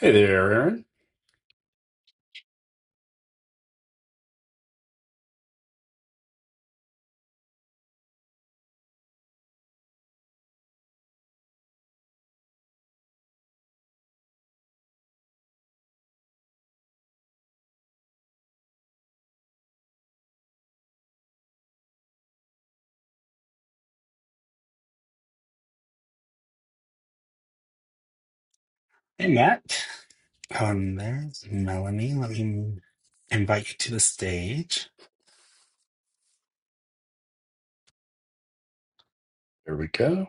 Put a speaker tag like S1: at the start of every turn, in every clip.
S1: Hey there, Aaron.
S2: Hey, Matt. Um, there's Melanie. Let me invite you to the stage.
S1: There we go.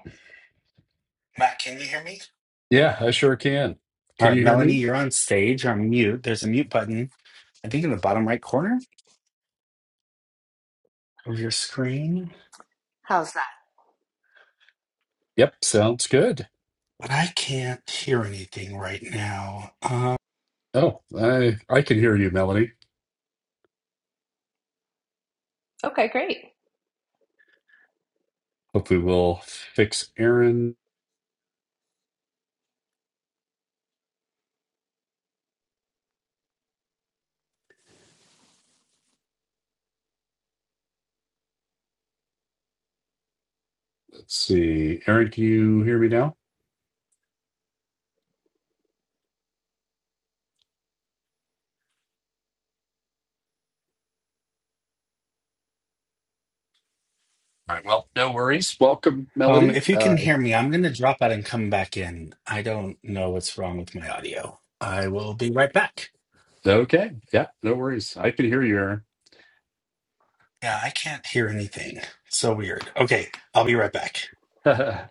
S2: Matt, can you hear me?
S1: Yeah, I sure can.
S2: All
S1: Can
S2: right,
S1: you hear
S2: Melanie,
S1: me?
S2: you're on stage. You're on mute. There's a mute button, I think, in the bottom right corner of your screen,
S3: How's that?
S1: Yep, sounds good.
S2: but I can't hear anything right now. Um,
S1: Oh, I I can hear you, Melanie.
S3: Okay, great.
S1: Hopefully we'll fix Aaron. Let's see. Aaron, can you hear me now? All right, well, no worries. Welcome,
S2: um,
S1: Melody.
S2: if you
S1: Uh,
S2: can hear me, I'm going to drop out and come back in. I don't know what's wrong with my audio. I will be right back.
S1: okay. Yeah, no worries. I can hear you, Aaron.
S2: Yeah, I can't hear anything. So weird. Okay, I'll be right back.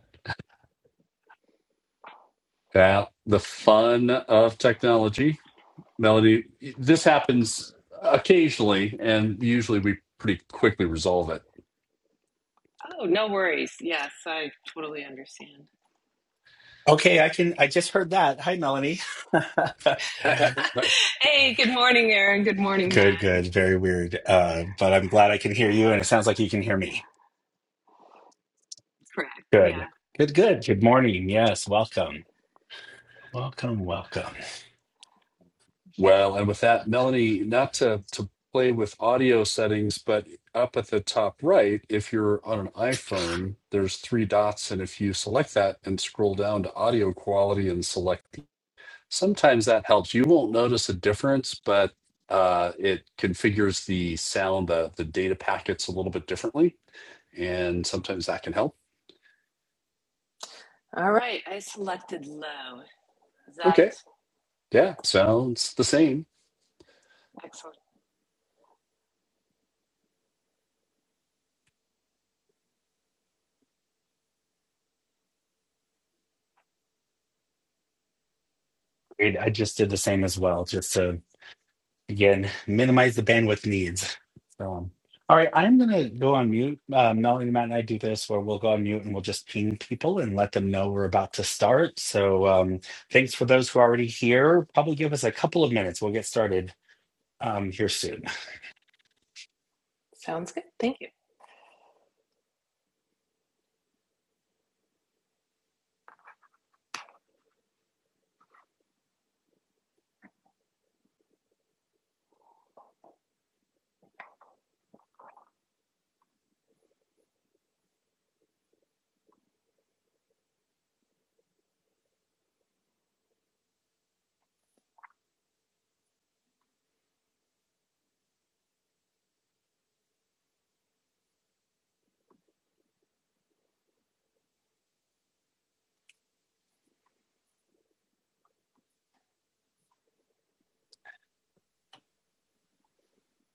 S1: yeah, the fun of technology. Melody, this happens occasionally, and usually we pretty quickly resolve
S3: Oh, no worries. Yes, I totally understand.
S2: Okay, I can. I just heard that. Hi, Melanie.
S1: it.
S3: Hey, good morning, Aaron. Good morning,
S2: Good,
S3: Matt.
S2: good. Very weird. Uh, but I'm glad I can hear you, and it sounds like you can hear me.
S3: Correct.
S2: Good.
S3: Yeah.
S2: Good, good. Good morning. Yes, welcome. Welcome, welcome.
S1: Well, and with that, Melanie, not to to play with audio settings, but up at the top right, if you're on an iPhone, there's three dots, and if you select that and scroll down to audio quality and select, sometimes that helps. You won't notice a difference, but uh, it configures the sound, the the data packets a little bit differently, and sometimes that can help.
S3: All right. I selected low. Is that
S1: Okay, yeah, sounds the same
S3: excellent?
S2: Great. I just did the same as well, just to, again, minimize the bandwidth needs. So, um, all right, I'm going to go on mute. Uh, Melanie, Matt, and I do this where we'll go on mute and we'll just ping people and let them know we're about to start. So, um, thanks for those who are already here. Probably give us a couple of minutes. We'll get started um, here soon.
S3: Sounds good. Thank you.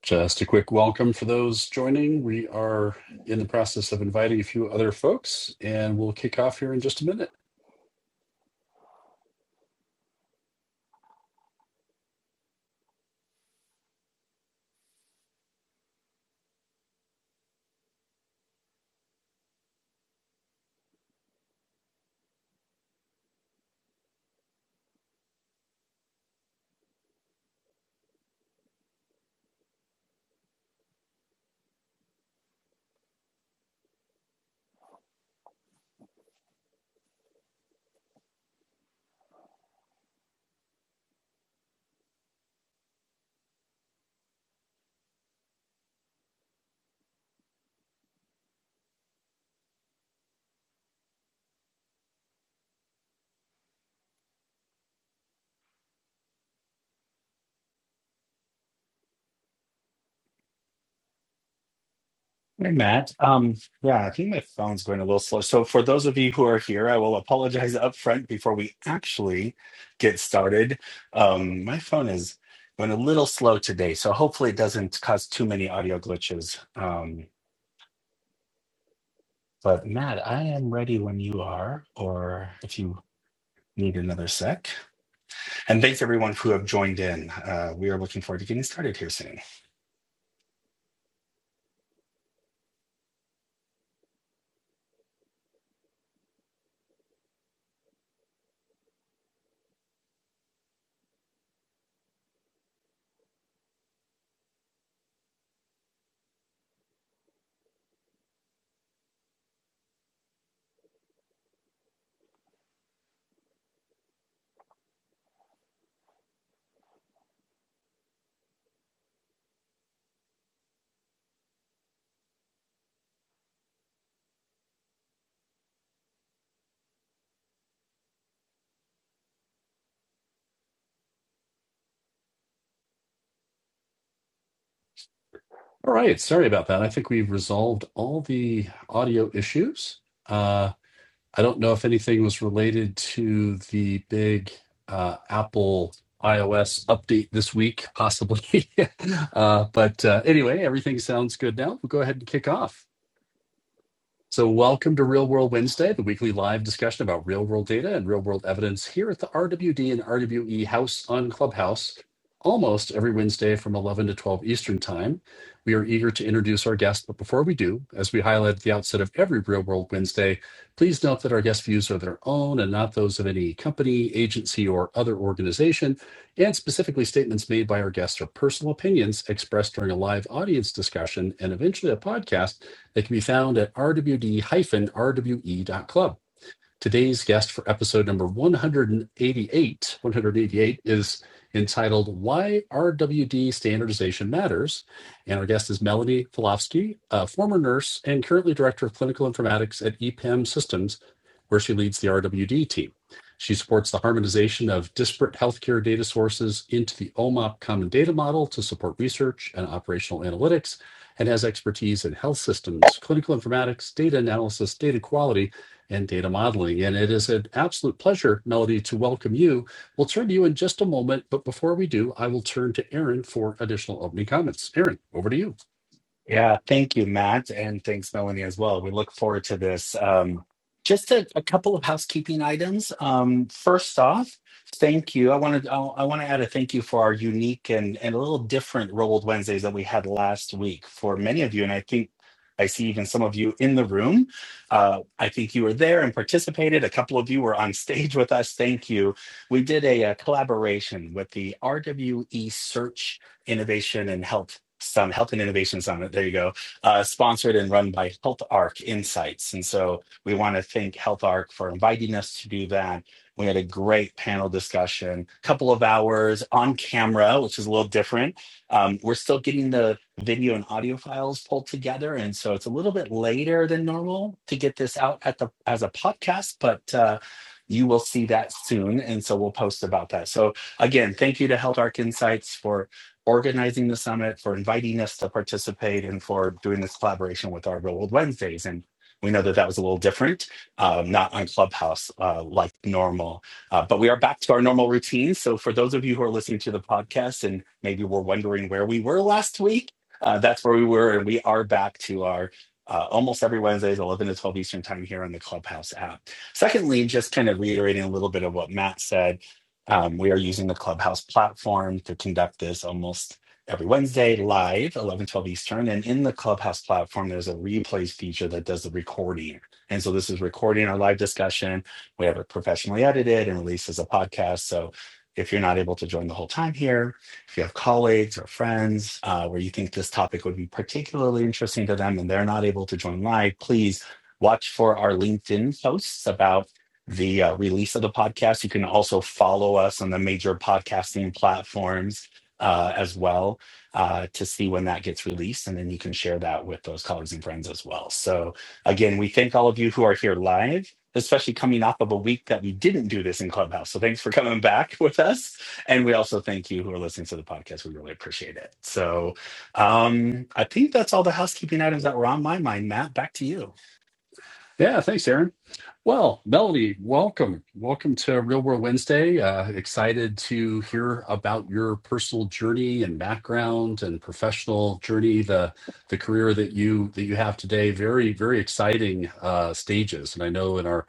S1: Just a quick welcome for those joining. We are in the process of inviting a few other folks, and we'll kick off here in just a minute.
S2: Hey, Matt. Um, yeah, I think my phone's going a little slow. So, for those of you who are here, I will apologize up front before we actually get started. Um, my phone is going a little slow today, so hopefully it doesn't cause too many audio glitches. Um, but, Matt, I am ready when you are, or if you need another sec. And thanks everyone who have joined in. Uh, we are looking forward to getting started here soon.
S1: All right, sorry about that. I think we've resolved all the audio issues. Uh, I don't know if anything was related to the big uh, Apple iOS update this week, possibly. uh, but uh, anyway, everything sounds good now. We'll go ahead and kick off. So, welcome to Real World Wednesday, the weekly live discussion about real world data and real world evidence here at the RWD and RWE House on Clubhouse, almost every Wednesday from 11 to 12 Eastern Time. We are eager to introduce our guests, but before we do, as we highlight at the outset of every Real World Wednesday, please note that our guest views are their own and not those of any company, agency, or other organization. And specifically, statements made by our guests are personal opinions expressed during a live audience discussion and eventually a podcast they can be found at rwd-rwe.club. Today's guest for episode number 188, 188 is entitled Why RWD Standardization Matters. And our guest is Melanie Filofsky, a former nurse and currently director of clinical informatics at EPAM Systems, where she leads the RWD team. She supports the harmonization of disparate healthcare data sources into the OMOP Common Data Model to support research and operational analytics, and has expertise in health systems, clinical informatics, data analysis, data quality, and data modeling. And it is an absolute pleasure, Melody, to welcome you. We'll turn to you in just a moment, but before we do, I will turn to Aaron for additional opening comments. Aaron, over to you.
S2: Yeah, thank you, Matt, and thanks, Melanie, as well. We look forward to this. Um, just a, a couple of housekeeping items. Um, first off, thank you. I wanted I, I want to add a thank you for our unique and and a little different Rolled Wednesdays that we had last week. For many of you, and I think I see even some of you in the room. Uh, I think you were there and participated. A couple of you were on stage with us. Thank you. We did a, a collaboration with the RWE Search Innovation and Health Summit, Health and Innovation Summit. There you go. Uh, sponsored and run by Health Arc Insights. And so we want to thank Health Arc for inviting us to do that. We had a great panel discussion, couple of hours on camera, which is a little different. Um, we're still getting the video and audio files pulled together, and so it's a little bit later than normal to get this out at the as a podcast. But uh, you will see that soon, and so we'll post about that. So again, thank you to Health Arc Insights for organizing the summit, for inviting us to participate, and for doing this collaboration with our Real World Wednesdays. And we know that that was a little different, um, not on Clubhouse uh, like normal. Uh, but we are back to our normal routine. So for those of you who are listening to the podcast and maybe were wondering where we were last week, uh, that's where we were. And we are back to our uh, almost every Wednesday is 11 to 12 Eastern time here on the Clubhouse app. Secondly, just kind of reiterating a little bit of what Matt said um, we are using the Clubhouse platform to conduct this almost every Wednesday live, 11 12 Eastern. And in the Clubhouse platform, there's a replays feature that does the recording. And so this is recording our live discussion. We have it professionally edited and released as a podcast. So if you're not able to join the whole time here, if you have colleagues or friends uh, where you think this topic would be particularly interesting to them and they're not able to join live, please watch for our LinkedIn posts about the uh, release of the podcast. You can also follow us on the major podcasting platforms uh, as well uh, to see when that gets released. And then you can share that with those colleagues and friends as well. So, again, we thank all of you who are here live. Especially coming off of a week that we didn't do this in Clubhouse. So, thanks for coming back with us. And we also thank you who are listening to the podcast. We really appreciate it. So, um, I think that's all the housekeeping items that were on my mind. Matt, back to you.
S1: Yeah, thanks, Aaron. Well, Melanie, welcome. Welcome to Real World Wednesday. Uh, excited to hear about your personal journey and background and professional journey, the the career that you that you have today. Very, very exciting uh, stages. And I know in our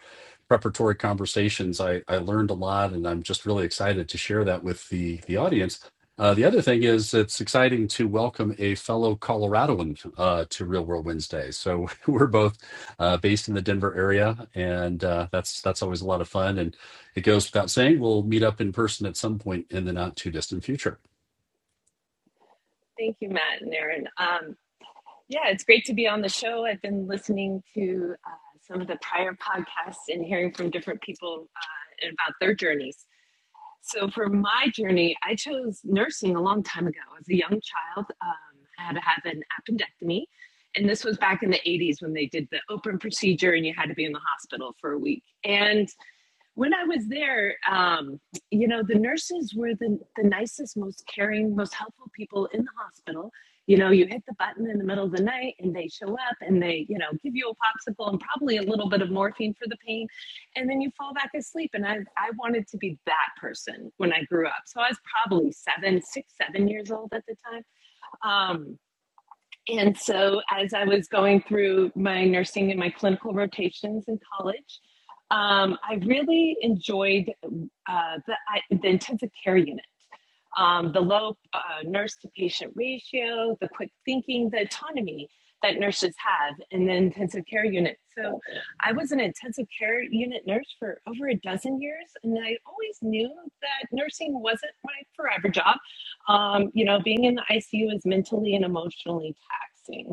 S1: preparatory conversations, I, I learned a lot, and I'm just really excited to share that with the the audience. Uh, the other thing is, it's exciting to welcome a fellow Coloradoan uh, to Real World Wednesday. So we're both uh, based in the Denver area, and uh, that's that's always a lot of fun. And it goes without saying, we'll meet up in person at some point in the not too distant future.
S3: Thank you, Matt and Aaron. Um, yeah, it's great to be on the show. I've been listening to uh, some of the prior podcasts and hearing from different people uh, about their journeys. So for my journey, I chose nursing a long time ago. As a young child, um, I had to have an appendectomy, and this was back in the '80s when they did the open procedure, and you had to be in the hospital for a week. And when I was there, um, you know, the nurses were the, the nicest, most caring, most helpful people in the hospital. You know, you hit the button in the middle of the night and they show up and they, you know, give you a popsicle and probably a little bit of morphine for the pain. And then you fall back asleep. And I, I wanted to be that person when I grew up. So I was probably seven, six, seven years old at the time. Um, and so, as I was going through my nursing and my clinical rotations in college, um, I really enjoyed uh, the, I, the intensive care unit um, the low uh, nurse to patient ratio, the quick thinking, the autonomy that nurses have in the intensive care unit. So I was an intensive care unit nurse for over a dozen years, and I always knew that nursing wasn't my forever job. Um, you know, being in the ICU is mentally and emotionally taxing.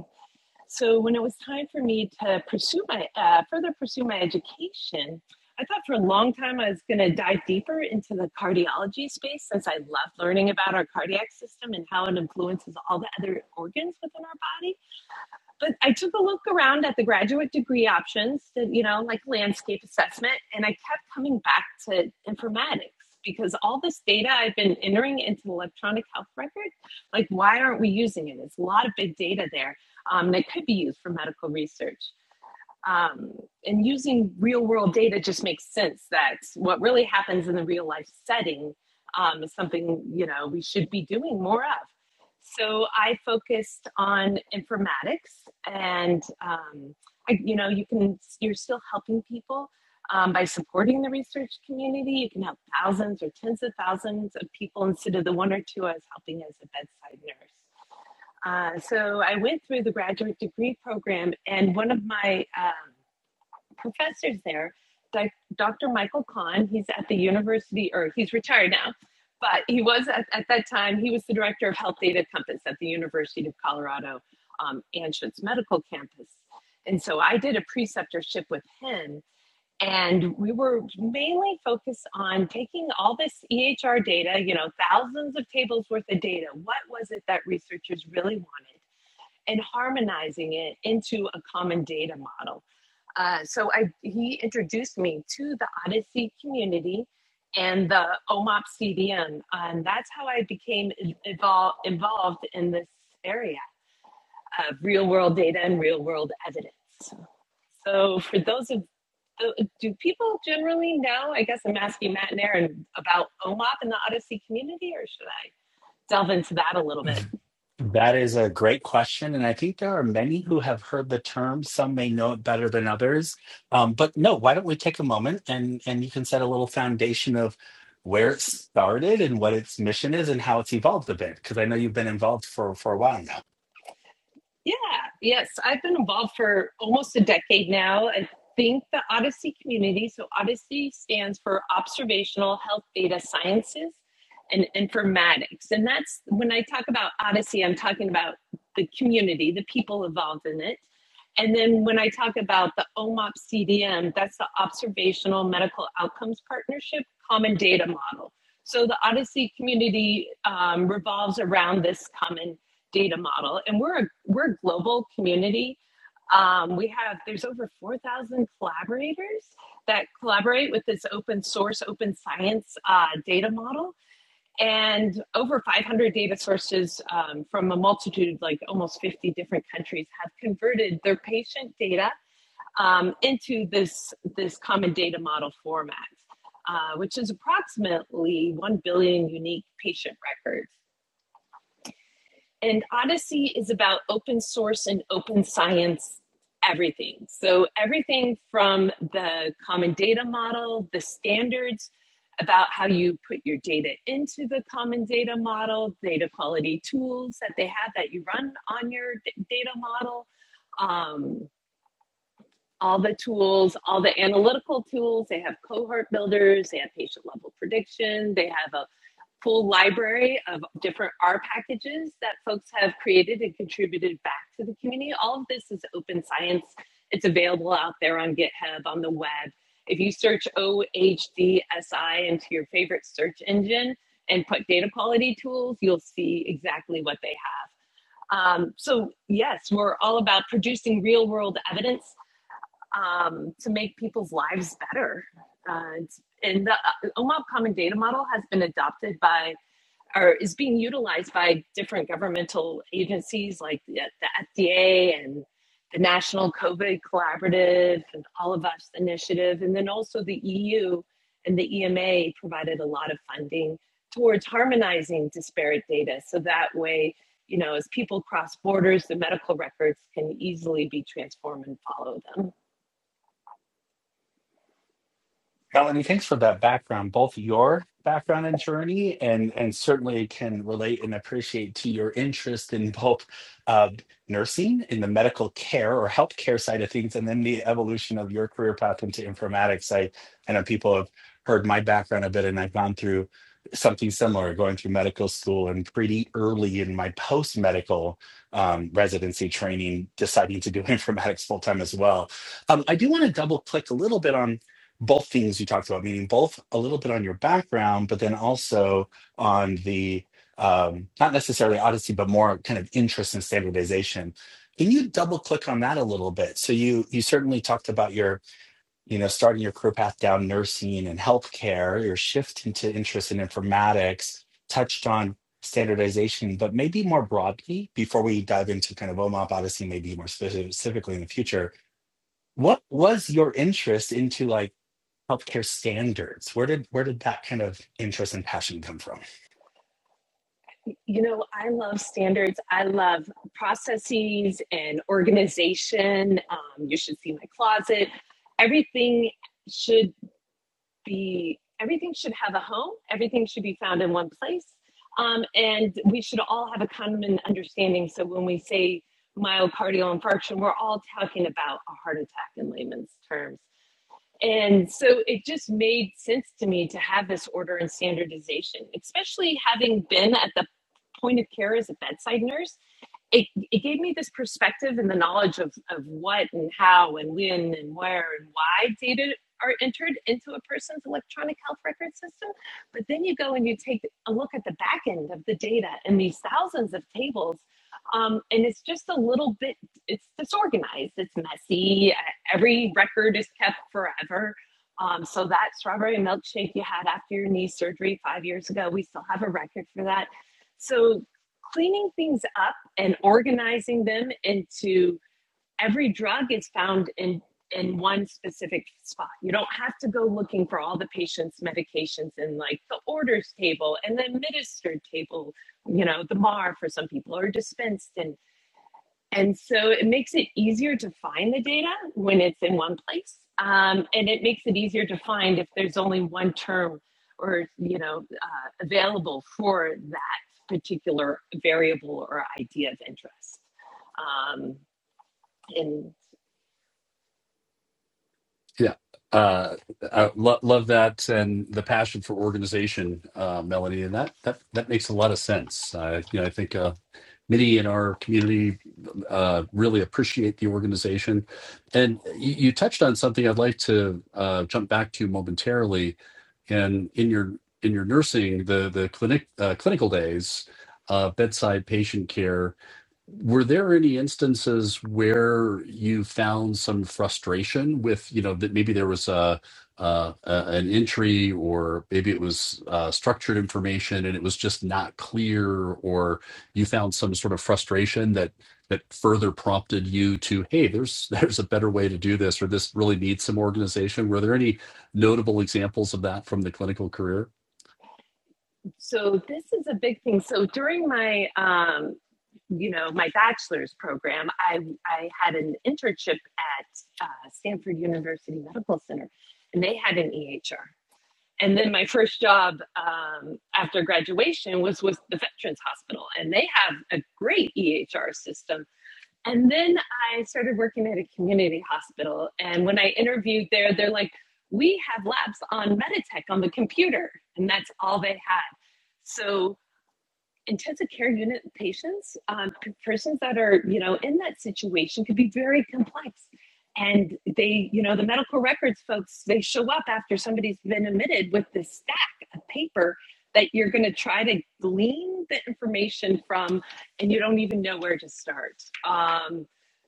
S3: So when it was time for me to pursue my uh, further pursue my education, I thought for a long time I was going to dive deeper into the cardiology space since I love learning about our cardiac system and how it influences all the other organs within our body but I took a look around at the graduate degree options, you know, like landscape assessment, and I kept coming back to informatics because all this data I've been entering into the electronic health record, like why aren't we using it? There's a lot of big data there um, that could be used for medical research um, and using real world data just makes sense that what really happens in the real life setting um, is something you know we should be doing more of so i focused on informatics and um, I, you know you can you're still helping people um, by supporting the research community you can help thousands or tens of thousands of people instead of the one or two i was helping as a bedside nurse uh, so i went through the graduate degree program and one of my um, professors there, Dr. Michael Kahn. He's at the university, or he's retired now, but he was at, at that time, he was the director of Health Data Compass at the University of Colorado um, Anschutz Medical Campus. And so I did a preceptorship with him. And we were mainly focused on taking all this EHR data, you know, thousands of tables worth of data. What was it that researchers really wanted? And harmonizing it into a common data model. Uh, so I he introduced me to the Odyssey community and the OMOP CDM, and that's how I became involved involved in this area of real world data and real world evidence. So for those of uh, do people generally know? I guess I'm asking Matt and Aaron about OMOP and the Odyssey community, or should I delve into that a little bit?
S2: That is a great question. And I think there are many who have heard the term. Some may know it better than others. Um, but no, why don't we take a moment and, and you can set a little foundation of where it started and what its mission is and how it's evolved a bit? Because I know you've been involved for, for a while now.
S3: Yeah, yes. I've been involved for almost a decade now. I think the Odyssey community, so Odyssey stands for Observational Health Data Sciences and Informatics. And that's when I talk about Odyssey, I'm talking about the community, the people involved in it. And then when I talk about the OMOP CDM, that's the Observational Medical Outcomes Partnership Common Data Model. So the Odyssey community um, revolves around this common data model, and we're a we're a global community. Um, we have there's over four thousand collaborators that collaborate with this open source, open science uh, data model, and over five hundred data sources um, from a multitude, like almost fifty different countries, have converted their patient data um, into this this common data model format. Uh, which is approximately 1 billion unique patient records. And Odyssey is about open source and open science everything. So, everything from the common data model, the standards about how you put your data into the common data model, data quality tools that they have that you run on your data model, um, all the tools, all the analytical tools. They have cohort builders, they have patient level prediction, they have a full library of different R packages that folks have created and contributed back to the community. All of this is open science. It's available out there on GitHub, on the web. If you search OHDSI into your favorite search engine and put data quality tools, you'll see exactly what they have. Um, so, yes, we're all about producing real world evidence um, to make people's lives better. And, and the uh, OMOP Common Data Model has been adopted by or is being utilized by different governmental agencies like the, the FDA and the National COVID Collaborative and All of Us Initiative. And then also the EU and the EMA provided a lot of funding towards harmonizing disparate data. So that way, you know, as people cross borders, the medical records can easily be transformed and follow them.
S2: Melanie, thanks for that background, both your background and journey, and and certainly can relate and appreciate to your interest in both uh, nursing in the medical care or healthcare side of things, and then the evolution of your career path into informatics. I I know people have heard my background a bit, and I've gone through something similar, going through medical school, and pretty early in my post medical um, residency training, deciding to do informatics full time as well. Um, I do want to double click a little bit on both things you talked about, meaning both a little bit on your background, but then also on the um, not necessarily Odyssey, but more kind of interest in standardization. Can you double click on that a little bit? So you you certainly talked about your you know starting your career path down nursing and healthcare, your shift into interest in informatics, touched on standardization, but maybe more broadly before we dive into kind of OMOP Odyssey, maybe more specifically in the future what was your interest into like healthcare standards where did where did that kind of interest and passion come from
S3: You know, I love standards. I love processes and organization. Um, you should see my closet. Everything should be, everything should have a home. Everything should be found in one place. Um, and we should all have a common understanding. So when we say myocardial infarction, we're all talking about a heart attack in layman's terms. And so it just made sense to me to have this order and standardization, especially having been at the point of care as a bedside nurse it, it gave me this perspective and the knowledge of, of what and how and when and where and why data are entered into a person's electronic health record system. But then you go and you take a look at the back end of the data and these thousands of tables. Um, and it's just a little bit, it's disorganized, it's messy. Uh, Every record is kept forever. Um, so that strawberry milkshake you had after your knee surgery five years ago, we still have a record for that. So cleaning things up and organizing them into every drug is found in in one specific spot. You don't have to go looking for all the patient's medications in like the orders table and the administered table, you know, the MAR for some people or dispensed in. And so it makes it easier to find the data when it's in one place. Um, and it makes it easier to find if there's only one term or, you know, uh, available for that particular variable or idea of interest. Um, and
S1: Yeah. Uh, I lo- love that and the passion for organization, uh, Melanie, and that that that makes a lot of sense. Uh, you know, I think uh, many in our community uh, really appreciate the organization, and you, you touched on something I'd like to uh, jump back to momentarily and in your in your nursing the the clinic uh, clinical days uh, bedside patient care were there any instances where you found some frustration with you know that maybe there was a uh, a- an entry, or maybe it was uh, structured information, and it was just not clear, or you found some sort of frustration that that further prompted you to, hey, there's there's a better way to do this, or this really needs some organization. Were there any notable examples of that from the clinical career?
S3: so this is a big thing. So during my, um, you know, my bachelor's program, I, I had an internship at uh, Stanford University Medical Center and they had an EHR. and then my first job um, after graduation was with the Veterans Hospital, and they have a great EHR system. And then I started working at a community hospital, and when I interviewed there, they're like, "We have labs on Meditech on the computer," and that's all they had. So intensive care unit patients, um, persons that are, you know, in that situation could be very complex. And they, you know, the medical records folks, they show up after somebody's been admitted with this stack of paper that you're going to try to glean the information from, and you don't even know where to start. Um,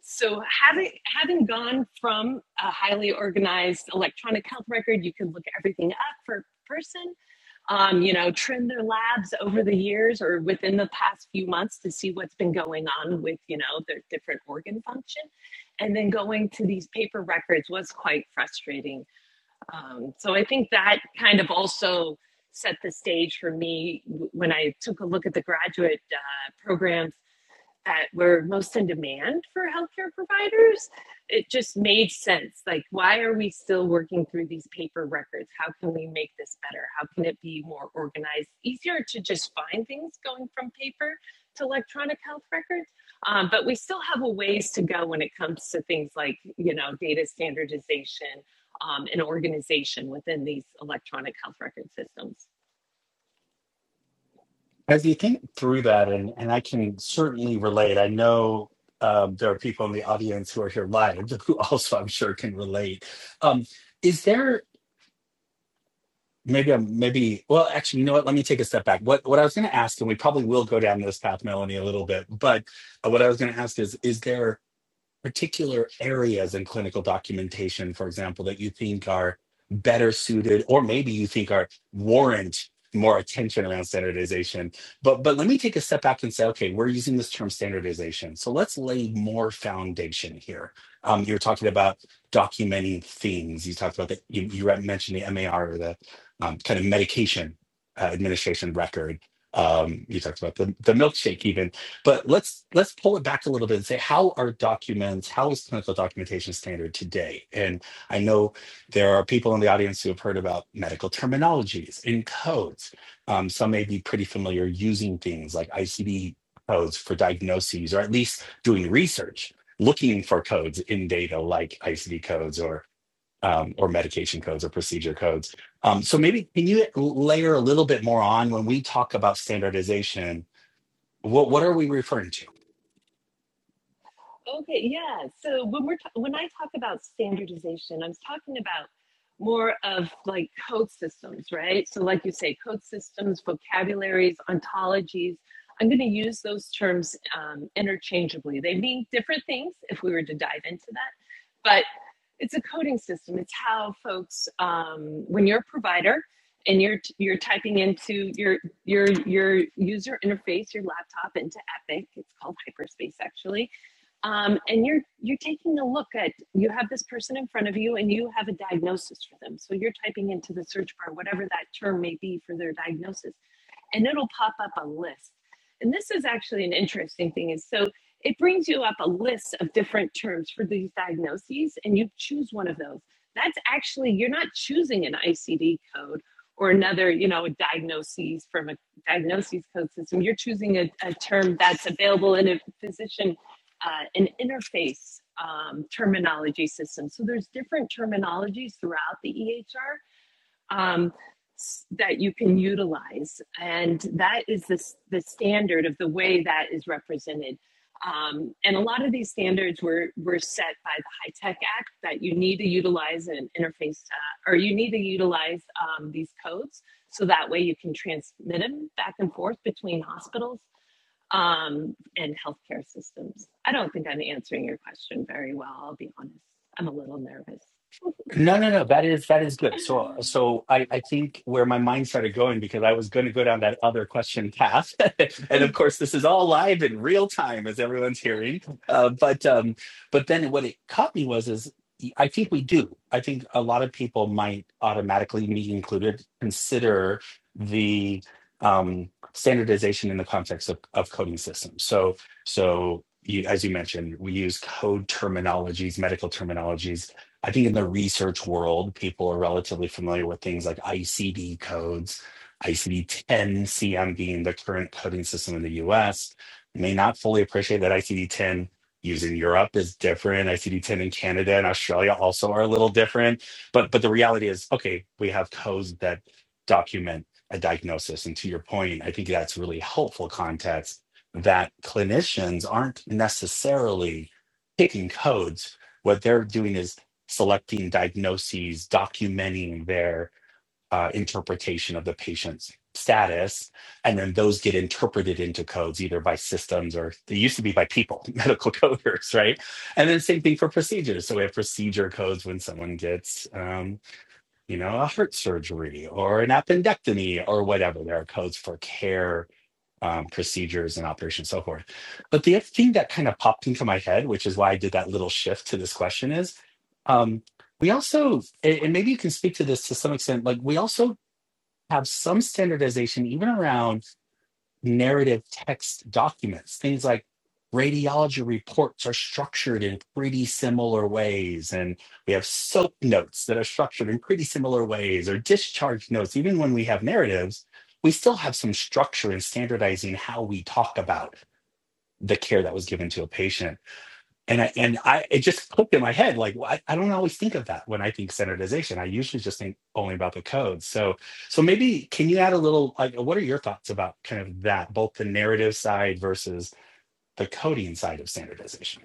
S3: so having having gone from a highly organized electronic health record, you can look everything up for a person um, you know, trim their labs over the years or within the past few months to see what's been going on with, you know, their different organ function. And then going to these paper records was quite frustrating. Um, so I think that kind of also set the stage for me when I took a look at the graduate uh, program that were most in demand for healthcare providers, it just made sense. Like, why are we still working through these paper records? How can we make this better? How can it be more organized? Easier to just find things going from paper to electronic health records. Um, but we still have a ways to go when it comes to things like, you know, data standardization um, and organization within these electronic health record systems.
S2: as you think through that and and i can certainly relate i know um, there are people in the audience who are here live who also i'm sure can relate um, is there maybe i'm maybe well actually you know what let me take a step back what what i was going to ask and we probably will go down this path melanie a little bit but uh, what i was going to ask is is there particular areas in clinical documentation, for example, that you think are better suited, or maybe you think are warrant more attention around standardization. But but let me take a step back and say, okay, we're using this term standardization. So let's lay more foundation here. Um, you were talking about documenting themes. You talked about the You, you re- mentioned the MAR or the um, kind of medication uh, administration record. Um, you talked about the, the milkshake even but let's let's pull it back a little bit and say how are documents, how is clinical documentation standard today? And I know there are people in the audience who have heard about medical terminologies and codes. Um, some may be pretty familiar using things like ICD codes for diagnoses, or at least doing research, looking for codes in data like ICD codes or um, or medication codes or procedure codes. Um, so maybe can you layer a little bit more on when we talk about standardization? What what are we referring to?
S3: Okay, yeah. So when we're ta- when I talk about standardization, I'm talking about more of like code systems, right? So like you say, code systems, vocabularies, ontologies. I'm going to use those terms um, interchangeably. They mean different things if we were to dive into that, but it's a coding system. It's how folks, um, when you're a provider and you're you're typing into your your your user interface, your laptop into Epic. It's called Hyperspace actually um, and you're you're taking a look at you have this person in front of you and you have a diagnosis for them so you're typing into the search bar whatever that term may be for their diagnosis and it'll pop up a list. And this is actually an interesting thing is so it brings you up a list of different terms for these diagnoses and you choose one of those. That's actually you're not choosing an ICD code or another, you know, diagnoses from a diagnoses code system. You're choosing a, a term that's available in a physician uh, an interface um, terminology system. So there's different terminologies throughout the EHR um, that you can utilize. And that is the, the standard of the way that is represented. Um, and a lot of these standards were, were set by the High Tech Act that you need to utilize an interface uh, or you need to utilize um, these codes so that way you can transmit them back and forth between hospitals um, and healthcare systems. I don't think I'm answering your question very well, I'll be honest. I'm a little nervous.
S2: No, no, no. That is that is good. So, so I I think where my mind started going because I was going to go down that other question path, and of course this is all live in real time as everyone's hearing. Uh, but um, but then what it caught me was is I think we do. I think a lot of people might automatically, me included, consider the um standardization in the context of of coding systems. So so. You, as you mentioned, we use code terminologies, medical terminologies I think in the research world, people are relatively familiar with things like ICD codes, ICD 10 CM being the current coding system in the US, may not fully appreciate that ICD 10 used in Europe is different. ICD 10 in Canada and Australia also are a little different. But but the reality is, okay, we have codes that document a diagnosis. And to your point, I think that's really helpful context that clinicians aren't necessarily picking codes what they're doing is selecting diagnoses, documenting their uh, interpretation of the patient's status, and then those get interpreted into codes either by systems or they used to be by people, medical coders, right? And then same thing for procedures. So we have procedure codes when someone gets, um, you know, a heart surgery or an appendectomy or whatever. There are codes for care um, procedures and operations, so forth. But the other thing that kind of popped into my head, which is why I did that little shift to this question, is um, we also, and and maybe you can speak to this to some extent, like we also have some standardization even around narrative text documents. Things like radiology reports are structured in pretty similar ways. And we have soap notes that are structured in pretty similar ways, or discharge notes. Even when we have narratives, we still have some structure in standardizing how we talk about the care that was given to a patient and I, and I it just clicked in my head like well, I, I don't always think of that when I think standardization. I usually just think only about the code. So so maybe can you add a little like what are your thoughts about kind of that both the narrative side versus the coding side of standardization?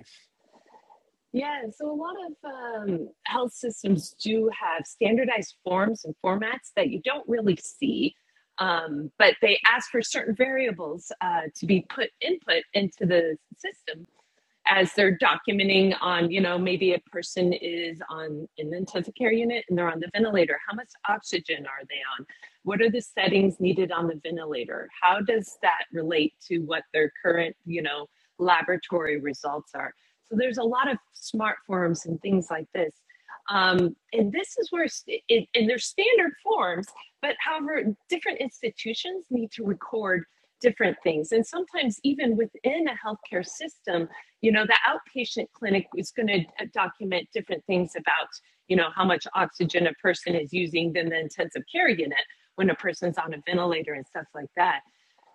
S3: Yeah, so a lot of um, health systems do have standardized forms and formats that you don't really see, um, but they ask for certain variables uh, to be put input into the system as they're documenting on, you know, maybe a person is on an intensive care unit and they're on the ventilator. How much oxygen are they on? What are the settings needed on the ventilator? How does that relate to what their current, you know, laboratory results are? So there's a lot of smart forms and things like this. Um, and this is where, st- it, and they're standard forms, but however, different institutions need to record different things. And sometimes, even within a healthcare system, you know the outpatient clinic is going to document different things about you know how much oxygen a person is using than the intensive care unit when a person's on a ventilator and stuff like that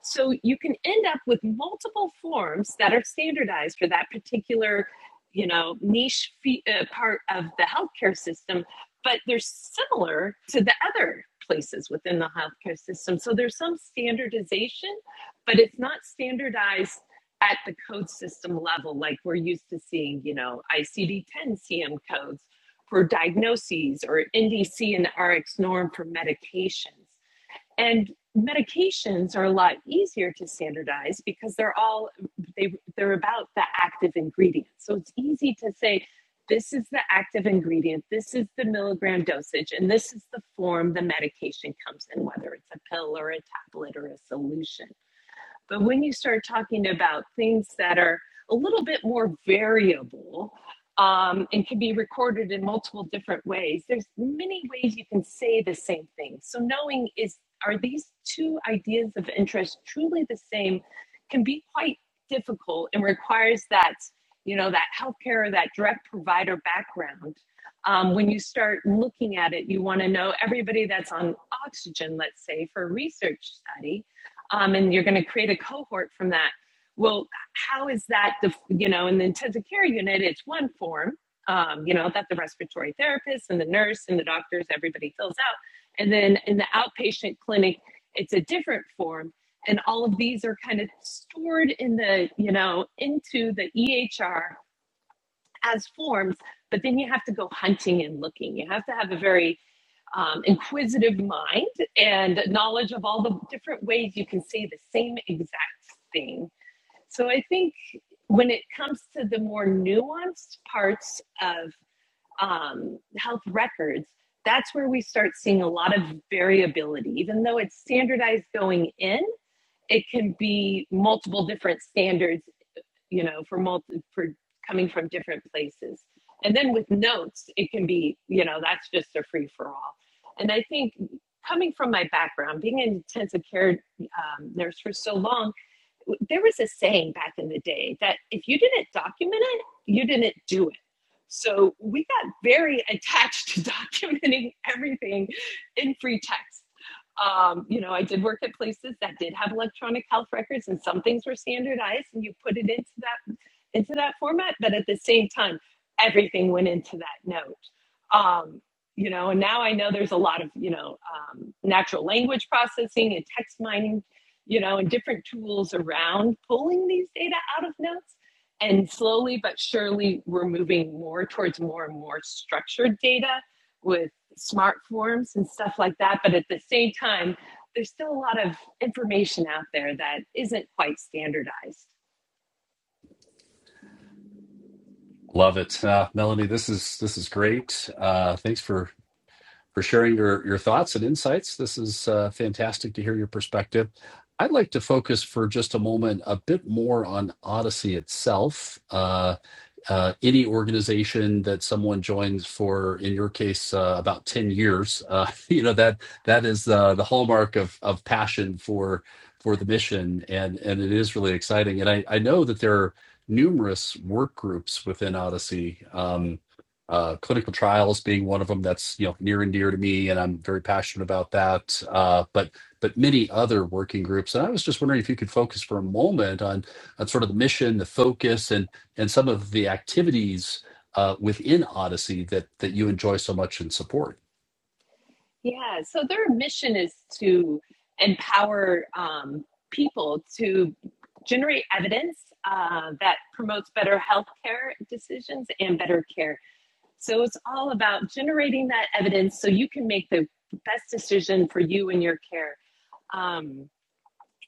S3: so you can end up with multiple forms that are standardized for that particular you know niche fe- uh, part of the healthcare system but they're similar to the other places within the healthcare system so there's some standardization but it's not standardized at the code system level, like we're used to seeing, you know, ICD 10 CM codes for diagnoses or NDC and RX norm for medications. And medications are a lot easier to standardize because they're all they they're about the active ingredient. So it's easy to say this is the active ingredient, this is the milligram dosage, and this is the form the medication comes in, whether it's a pill or a tablet or a solution. But when you start talking about things that are a little bit more variable um, and can be recorded in multiple different ways, there's many ways you can say the same thing. So knowing is are these two ideas of interest truly the same can be quite difficult and requires that you know that healthcare or that direct provider background um, when you start looking at it, you want to know everybody that's on oxygen, let's say, for a research study um, and you're going to create a cohort from that. Well, how is that? The you know, in the intensive care unit, it's one form. Um, you know, that the respiratory therapist and the nurse and the doctors, everybody fills out. And then in the outpatient clinic, it's a different form. And all of these are kind of stored in the, you know, into the EHR as forms, but then you have to go hunting and looking. You have to have a very um, inquisitive mind and knowledge of all the different ways you can say the same exact thing. So I think when it comes to the more nuanced parts of um, health records, that's where we start seeing a lot of variability. Even though it's standardized going in, it can be multiple different standards you know, for multi for coming from different places. And then with notes, it can be, you know, that's just a free for all. And I think coming from my background, being an intensive care um, nurse for so long, there was a saying back in the day that if you didn't document it, you didn't do it. So we got very attached to documenting everything in free text um, you know, I did work at places that did have electronic health records and some things were standardized and you put it into that into that format, but at the same time, everything went into that note. Um, you know, and now I know there's a lot of you know um, natural language processing and text mining, you know, and different tools around pulling these data out of notes. And slowly but surely, we're moving more towards more and more structured data with smart forms and stuff like that. But at the same time, there's still a lot of information out there that isn't quite standardized.
S1: Love it, uh, Melanie. This is this is great. Uh, thanks for for sharing your, your thoughts and insights. This is uh, fantastic to hear your perspective. I'd like to focus for just a moment a bit more on Odyssey itself. Uh, uh, any organization that someone joins for, in your case, uh, about ten years, uh, you know that that is uh, the hallmark of of passion for for the mission, and and it is really exciting. And I I know that there are numerous work groups within Odyssey. Um, uh, clinical trials being one of them that's you know near and dear to me, and I'm very passionate about that. Uh, but but many other working groups, and I was just wondering if you could focus for a moment on on sort of the mission, the focus, and and some of the activities uh, within Odyssey that that you enjoy so much and support.
S3: Yeah, so their mission is to empower um, people to generate evidence uh, that promotes better healthcare decisions and better care. So it's all about generating that evidence so you can make the best decision for you and your care. Um,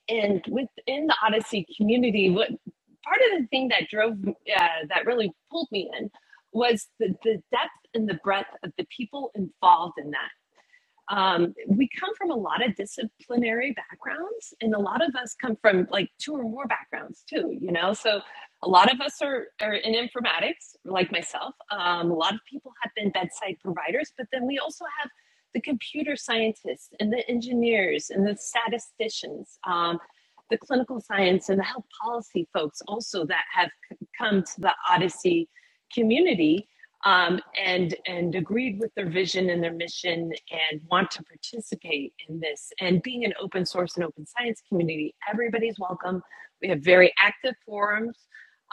S3: and within the Odyssey community, what part of the thing that drove uh, that really pulled me in was the, the depth and the breadth of the people involved in that um, we come from a lot of disciplinary backgrounds and a lot of us come from like two or more backgrounds too you know so a lot of us are, are in informatics like myself um, a lot of people have been bedside providers but then we also have the computer scientists and the engineers and the statisticians um, the clinical science and the health policy folks also that have c- come to the odyssey community um, and and agreed with their vision and their mission and want to participate in this. And being an open source and open science community, everybody's welcome. We have very active forums,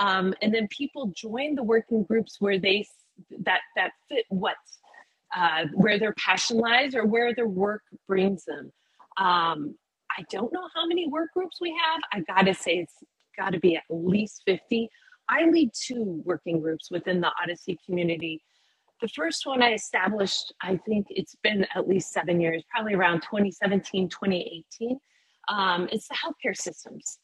S3: um, and then people join the working groups where they that that fit what uh, where their passion lies or where their work brings them. Um, I don't know how many work groups we have. I gotta say it's got to be at least 50 I lead two working groups within the Odyssey community. The first one I established, I think it's been at least seven years, probably around 2017, 2018. Um, it's the healthcare systems.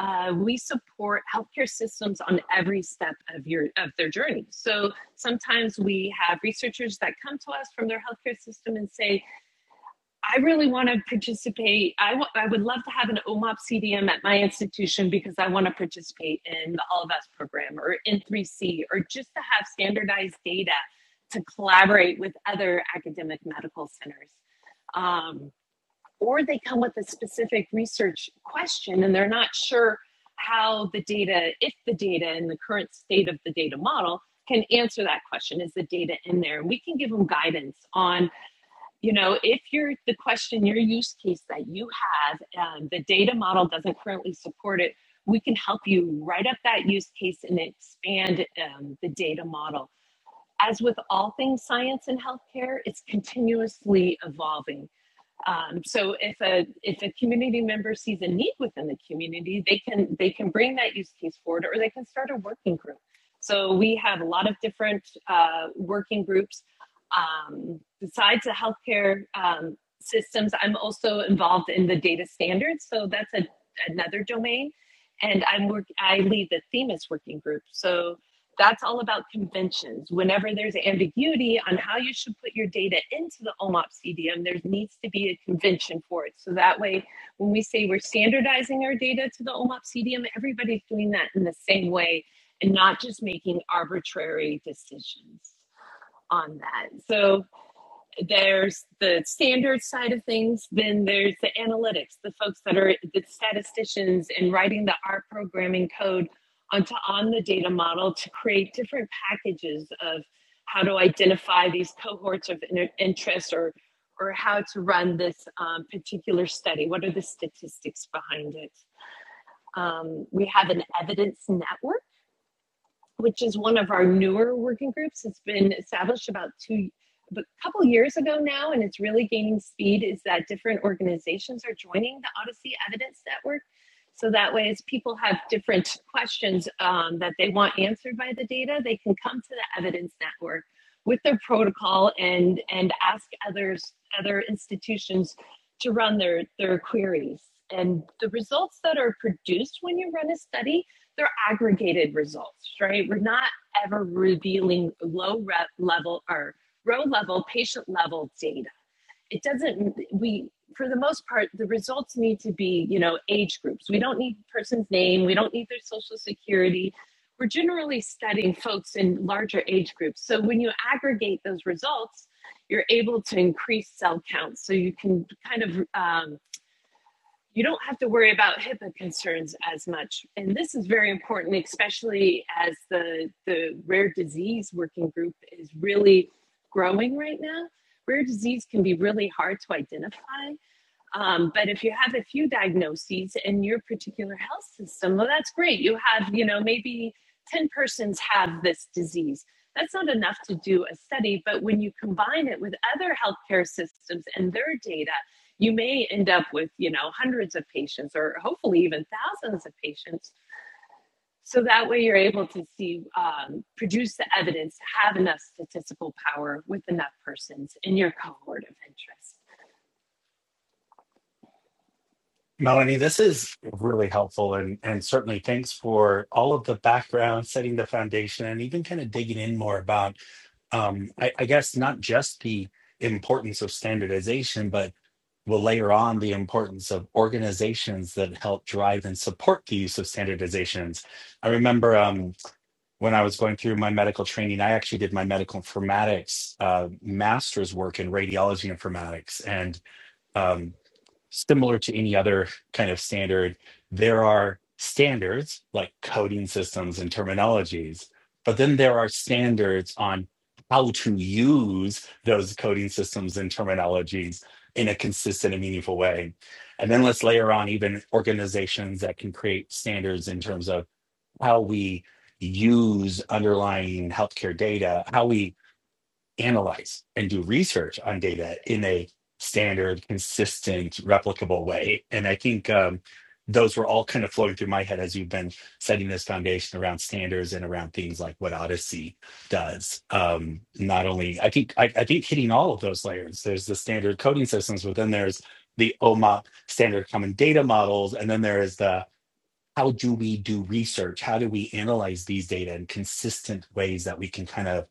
S3: Uh, we support healthcare systems on every step of your of their journey. So sometimes we have researchers that come to us from their healthcare system and say, I really want to participate. I w- I would love to have an OMOP CDM at my institution because I want to participate in the All of Us program or in 3C or just to have standardized data to collaborate with other academic medical centers. Um, or they come with a specific research question and they're not sure how the data, if the data and the current state of the data model can answer that question. Is the data in there? And we can give them guidance on you know if you're the question your use case that you have um, the data model doesn't currently support it we can help you write up that use case and expand um, the data model as with all things science and healthcare it's continuously evolving um, so if a if a community member sees a need within the community, they can they can bring that use case forward, or they can start a working group. So we have a lot of different uh, working groups. Um, besides the healthcare um, systems, I'm also involved in the data standards. So that's a, another domain, and I'm work I lead the Themis working group. So that's all about conventions. Whenever there's ambiguity on how you should put your data into the OMOP CDM, there needs to be a convention for it. So that way, when we say we're standardizing our data to the OMOP CDM, everybody's doing that in the same way and not just making arbitrary decisions on that. So there's the standard side of things then there's the analytics the folks that are the statisticians and writing the r programming code onto on the data model to create different packages of how to identify these cohorts of interest or or how to run this um, particular study what are the statistics behind it um, we have an evidence network which is one of our newer working groups. It's been established about two, a couple years ago now, and it's really gaining speed. Is that different organizations are joining the Odyssey Evidence Network, so that way, as people have different questions um, that they want answered by the data, they can come to the Evidence Network with their protocol and and ask others other institutions to run their their queries. And the results that are produced when you run a study they're aggregated results, right? We're not ever revealing low rep level or row level, patient level data. It doesn't, we, for the most part, the results need to be, you know, age groups. We don't need a person's name. We don't need their social security. We're generally studying folks in larger age groups. So when you aggregate those results, you're able to increase cell counts. So you can kind of um, you don't have to worry about HIPAA concerns as much. And this is very important, especially as the, the rare disease working group is really growing right now. Rare disease can be really hard to identify. Um, but if you have a few diagnoses in your particular health system, well, that's great. You have, you know, maybe 10 persons have this disease. That's not enough to do a study, but when you combine it with other healthcare systems and their data, you may end up with, you know, hundreds of patients or hopefully even thousands of patients. So that way you're able to see, um, produce the evidence, have enough statistical power with enough persons in your cohort of interest.
S2: Melanie, this is really helpful and and certainly thanks for all of the background, setting the foundation and even kind of digging in more about um, I, I guess not just the importance of standardization, but we'll layer on the importance of organizations that help drive and support the use of standardizations. I remember um, when I was going through my medical training, I actually did my medical informatics uh, master's work in radiology informatics. And um, similar to any other kind of standard, there are standards like coding systems and terminologies, but then there are standards on how to use those coding systems and terminologies in a consistent and meaningful way. And then let's layer on even organizations that can create standards in terms of how we use underlying healthcare data, how we analyze and do research on data in a standard, consistent, replicable way. And I think um, those were all kind of flowing through my head as you've been setting this foundation around standards and around things like what Odyssey does. Um, not only I think I, I think hitting all of those layers. There's the standard coding systems, but then there's the OMA standard common data models, and then there is the how do we do research? How do we analyze these data in consistent ways that we can kind of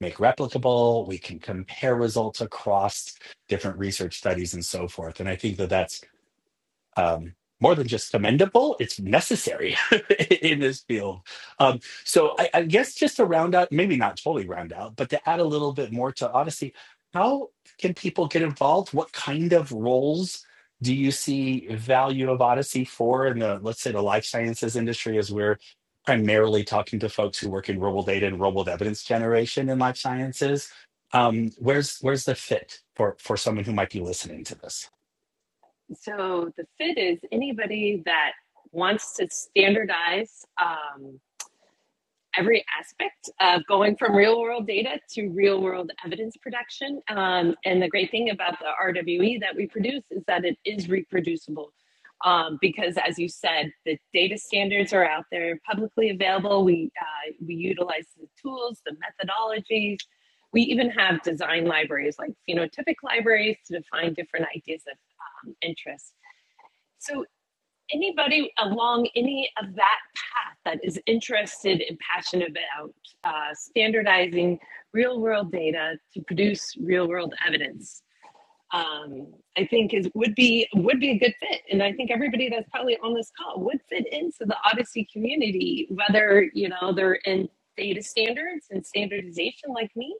S2: make replicable we can compare results across different research studies and so forth and i think that that's um, more than just commendable, it's necessary in this field. Um, so I, I guess just to round out, maybe not totally round out, but to add a little bit more to Odyssey, how can people get involved? What kind of roles do you see value of Odyssey for in the, let's say, the life sciences industry as we're primarily talking to folks who work in real world data and real world evidence generation in life sciences? Um, where's where's the fit for for someone who might be listening to this?
S3: So the fit is anybody that wants to standardize um, every aspect of going from real world data to real world evidence production. Um, and the great thing about the RWE that we produce is that it is reproducible. Um, because as you said, the data standards are out there publicly available. We, uh, we utilize the tools, the methodologies. We even have design libraries like phenotypic libraries to define different ideas of um, interest. So, anybody along any of that path that is interested and passionate about uh, standardizing real world data to produce real world evidence, um, I think is would be would be a good fit. And I think everybody that's probably on this call would fit into the Odyssey community, whether you know they're in data standards and standardization like me,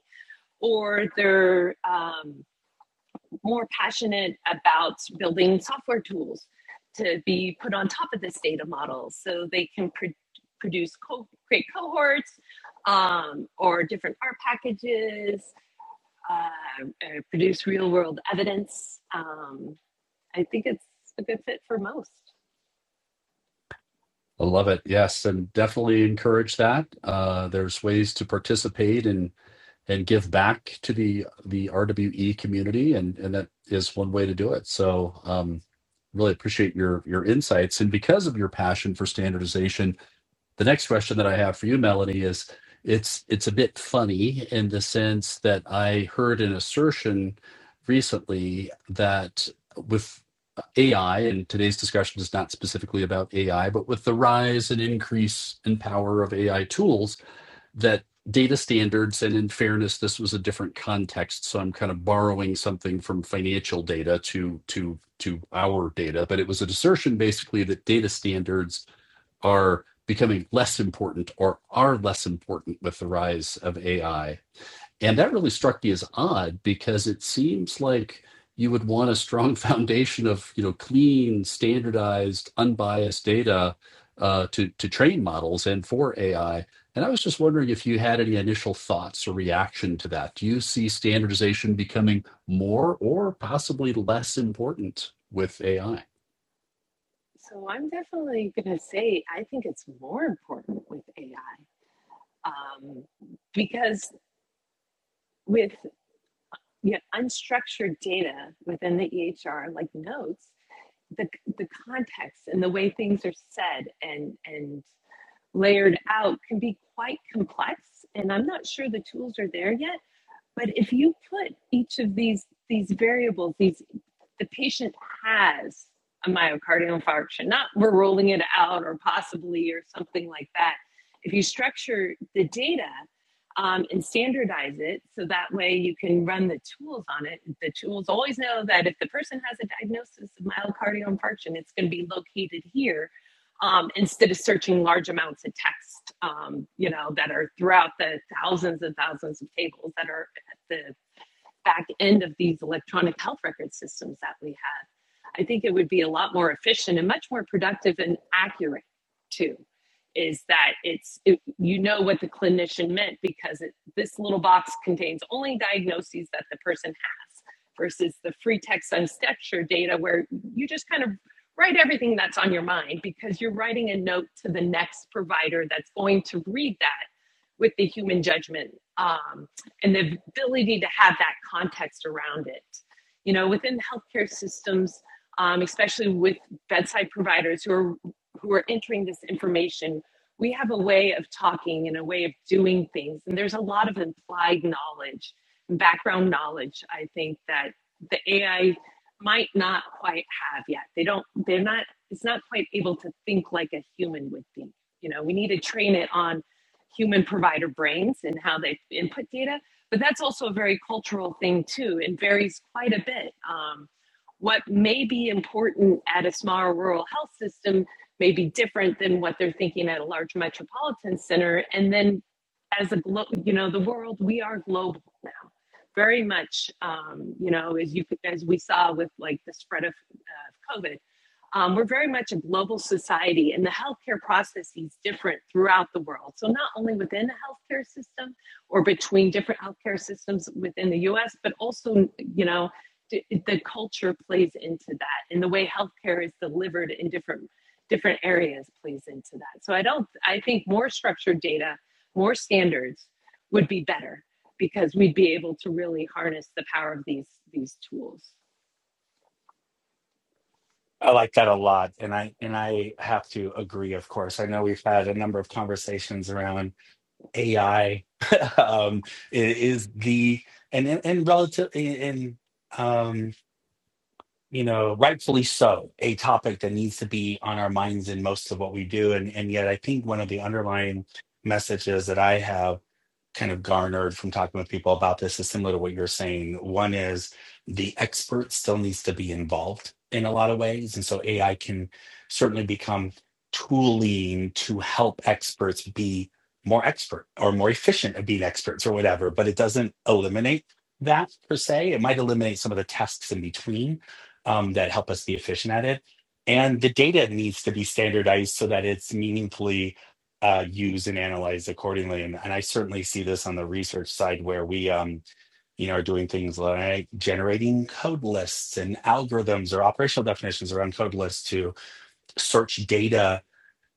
S3: or they're um, more passionate about building software tools to be put on top of this data model so they can pro- produce co- great cohorts um, or different art packages, uh, uh, produce real world evidence. Um, I think it's a good fit for most.
S1: I love it. Yes, and definitely encourage that. Uh, there's ways to participate and. and give back to the the RWE community, and and that is one way to do it. So, um, really appreciate your your insights, and because of your passion for standardization, the next question that I have for you, Melanie, is it's it's a bit funny in the sense that I heard an assertion recently that with AI, and today's discussion is not specifically about AI, but with the rise and increase in power of AI tools that data standards and in fairness this was a different context so i'm kind of borrowing something from financial data to to to our data but it was an assertion basically that data standards are becoming less important or are less important with the rise of ai and that really struck me as odd because it seems like you would want a strong foundation of, you know, clean, standardized, unbiased data uh, to to train models and for AI. And I was just wondering if you had any initial thoughts or reaction to that. Do you see standardization becoming more or possibly less important with AI?
S3: So I'm definitely going to say I think it's more important with AI um, because with you know, unstructured data within the EHR, like notes, the the context and the way things are said and and layered out can be quite complex and i'm not sure the tools are there yet but if you put each of these these variables these the patient has a myocardial infarction, not we're ruling it out or possibly or something like that. If you structure the data um, and standardize it so that way you can run the tools on it, the tools always know that if the person has a diagnosis of myocardial infarction, it's going to be located here. Um, instead of searching large amounts of text, um, you know, that are throughout the thousands and thousands of tables that are at the back end of these electronic health record systems that we have. I think it would be a lot more efficient and much more productive and accurate too. Is that it's it, you know what the clinician meant because it, this little box contains only diagnoses that the person has versus the free text unstructured data where you just kind of write everything that's on your mind because you're writing a note to the next provider that's going to read that with the human judgment. Um, and the ability to have that context around it. You know, within healthcare systems, um, especially with bedside providers who are who are entering this information, we have a way of talking and a way of doing things, and there's a lot of implied knowledge, background knowledge. I think that the AI might not quite have yet. They don't. They're not. It's not quite able to think like a human would think. You know, we need to train it on human provider brains and how they input data but that's also a very cultural thing too, and varies quite a bit. Um, what may be important at a smaller rural health system may be different than what they're thinking at a large metropolitan center. And then, as a glo- you know, the world we are global now, very much. Um, you know, as you as we saw with like the spread of uh, COVID, um, we're very much a global society, and the healthcare process is different throughout the world. So, not only within the healthcare system, or between different healthcare systems within the US, but also, you know, the culture plays into that and the way healthcare is delivered in different different areas plays into that. So I don't I think more structured data, more standards would be better because we'd be able to really harness the power of these these tools.
S2: I like that a lot, and I and I have to agree. Of course, I know we've had a number of conversations around AI. um, it is the and and, and relative and um, you know rightfully so a topic that needs to be on our minds in most of what we do, and and yet I think one of the underlying messages that I have kind of garnered from talking with people about this is similar to what you're saying. One is the expert still needs to be involved in a lot of ways. And so AI can certainly become tooling to help experts be more expert or more efficient at being experts or whatever, but it doesn't eliminate that per se. It might eliminate some of the tasks in between um, that help us be efficient at it. And the data needs to be standardized so that it's meaningfully uh, used and analyze accordingly. And, and I certainly see this on the research side where we, um, you know, are doing things like generating code lists and algorithms or operational definitions around code lists to search data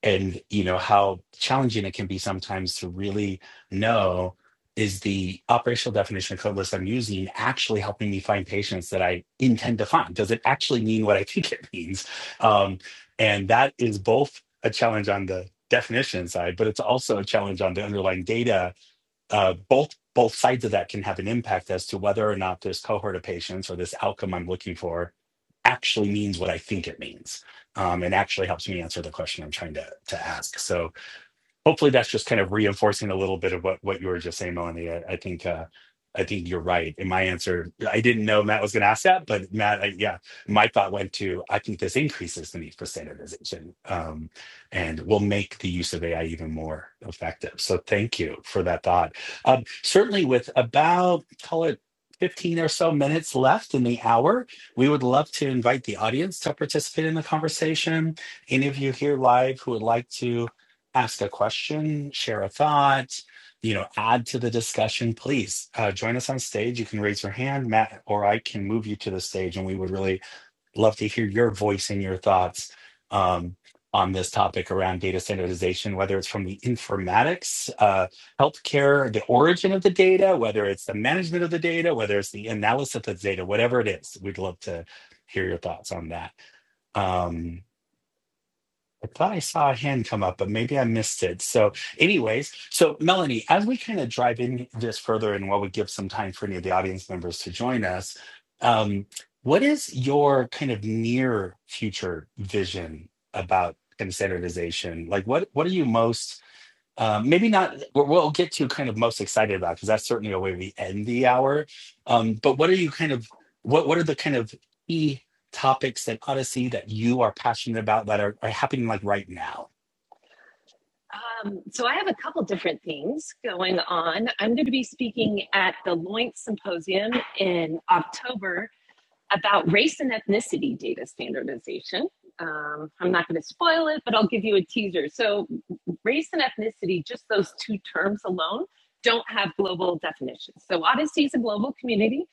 S2: and you know how challenging it can be sometimes to really know is the operational definition of codeless I'm using actually helping me find patients that I intend to find? Does it actually mean what I think it means? Um, and that is both a challenge on the definition side, but it's also a challenge on the underlying data uh, both both sides of that can have an impact as to whether or not this cohort of patients or this outcome I'm looking for actually means what I think it means, um, and actually helps me answer the question I'm trying to to ask. So hopefully that's just kind of reinforcing a little bit of what what you were just saying, Melanie. I, I think uh, I think you're right. In my answer, I didn't know Matt was going to ask that, but Matt, I, yeah, my thought went to I think this increases the need for standardization, um, and will make the use of AI even more effective. So thank you for that thought. Um, certainly, with about call it. 15 or so minutes left in the hour. We would love to invite the audience to participate in the conversation. Any of you here live who would like to ask a question, share a thought, you know, add to the discussion, please uh, join us on stage. You can raise your hand, Matt, or I can move you to the stage, and we would really love to hear your voice and your thoughts um, on this topic around data standardization, whether it's from the informatics, uh, healthcare, the origin of the data, whether it's the management of the data, whether it's the analysis of the data, whatever it is. We'd love to hear your thoughts on that. Um, I thought I saw a hand come up, but maybe I missed it. So, anyways, so Melanie, as we kind of drive in this further and while we give some time for any of the audience members to join us, um, what is your kind of near future vision about kind of standardization? Like what what are you most um, maybe not. We'll we'll get to kind of most excited about because that's certainly a way we end the hour. Um, but what are you kind of what What are the kind of key topics at Odyssey that you are passionate about that are, are happening like right now?
S3: Um, so I have a couple different things going on. I'm going to be speaking at the Loink Symposium in October about race and ethnicity data standardization. Um, I'm not going to spoil it, but I'll give you a teaser. So, race and ethnicity, just those two terms alone, don't have global definitions. So, Odyssey is a global community.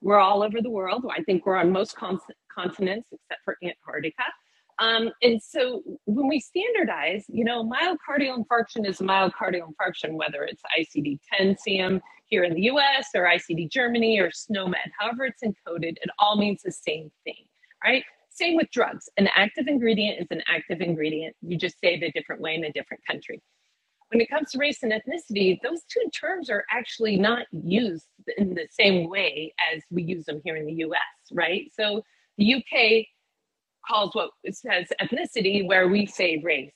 S3: We're all over the world. I think we're on most con- continents except for Antarctica. Um, and so when we standardize, you know, myocardial infarction is a myocardial infarction, whether it's ICD 10 CM here in the US or ICD Germany or SNOMED, however it's encoded, it all means the same thing, right? Same with drugs. An active ingredient is an active ingredient. You just say it a different way in a different country when it comes to race and ethnicity, those two terms are actually not used in the same way as we use them here in the US, right? So the UK calls what it says ethnicity, where we say race.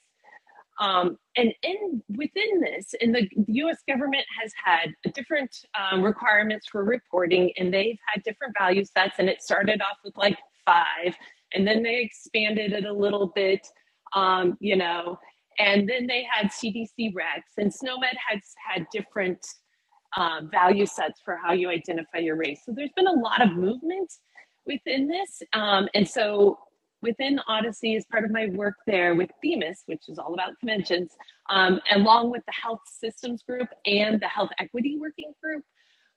S3: Um, and in within this, and the, the U.S. government has had different um, requirements for reporting, and they've had different value sets. And it started off with like five, and then they expanded it a little bit, um, you know. And then they had CDC recs, and SNOMED has had different um, value sets for how you identify your race. So there's been a lot of movement within this. Um, and so within Odyssey, as part of my work there with Themis, which is all about conventions, um, along with the Health Systems Group and the Health Equity Working Group,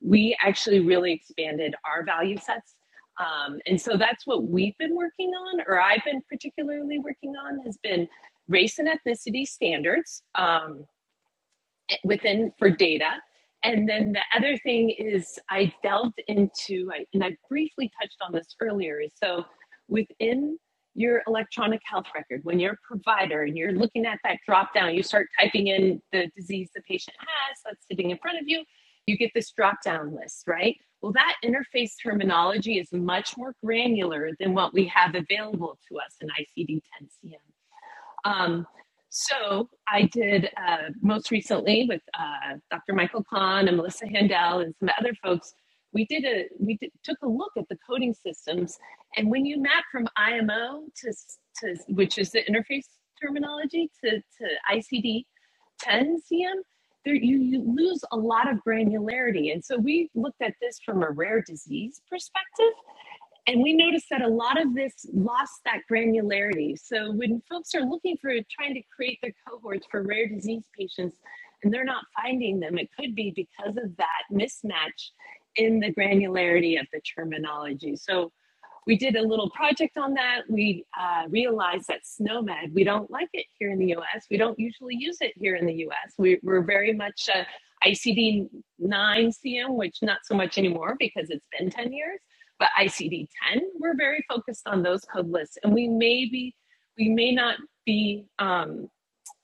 S3: we actually really expanded our value sets. Um, and so that's what we've been working on, or I've been particularly working on, has been race and ethnicity standards. Um, within for data. And then the other thing is I delved into, and I briefly touched on this earlier, is so within your electronic health record, when you're a provider and you're looking at that drop down, you start typing in the disease the patient has that's sitting in front of you, you get this drop down list, right? Well, that interface terminology is much more granular than what we have available to us in ICD 10 CM. Um, so I did uh, most recently with uh, Dr. Michael Kahn and Melissa Handel and some other folks. We did a we did, took a look at the coding systems, and when you map from IMO to to which is the interface terminology to to ICD 10 CM, there you, you lose a lot of granularity. And so we looked at this from a rare disease perspective and we noticed that a lot of this lost that granularity. So when folks are looking for trying to create their cohorts for rare disease patients and they're not finding them, it could be because of that mismatch in the granularity of the terminology. So we did a little project on that. We uh, realized that SNOMED. we don't like it here in the US. We don't usually use it here in the US. We, we're very much uh, ICD 9 CM, which not so much anymore because it's been 10 years, but ICD 10, we're very focused on those code lists. And we may be, we may not be. Um,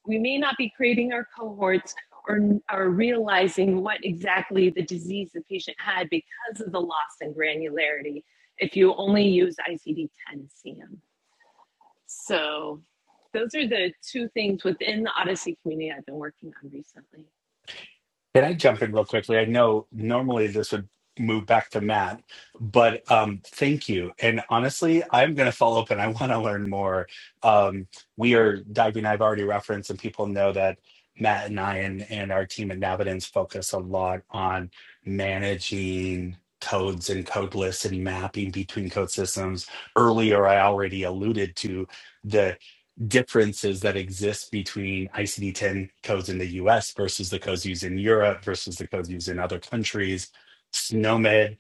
S3: we may not be creating our cohorts or, or realizing what exactly the disease the patient had because of the loss in granularity if you only use ICD 10 CM. So, those are the two things within the Odyssey community I've been working on recently.
S2: Can I jump in real quickly? I know normally this would move back to Matt, but um, thank you. And honestly, I'm going to follow up and I want to learn more. Um, we are diving, I've already referenced, and people know that Matt and I and, and our team at Navidance focus a lot on managing codes and code lists and mapping between code systems. Earlier, I already alluded to differences that exist between ICD 10 codes in the US versus the codes used in Europe versus the codes used in other countries. SNOMED,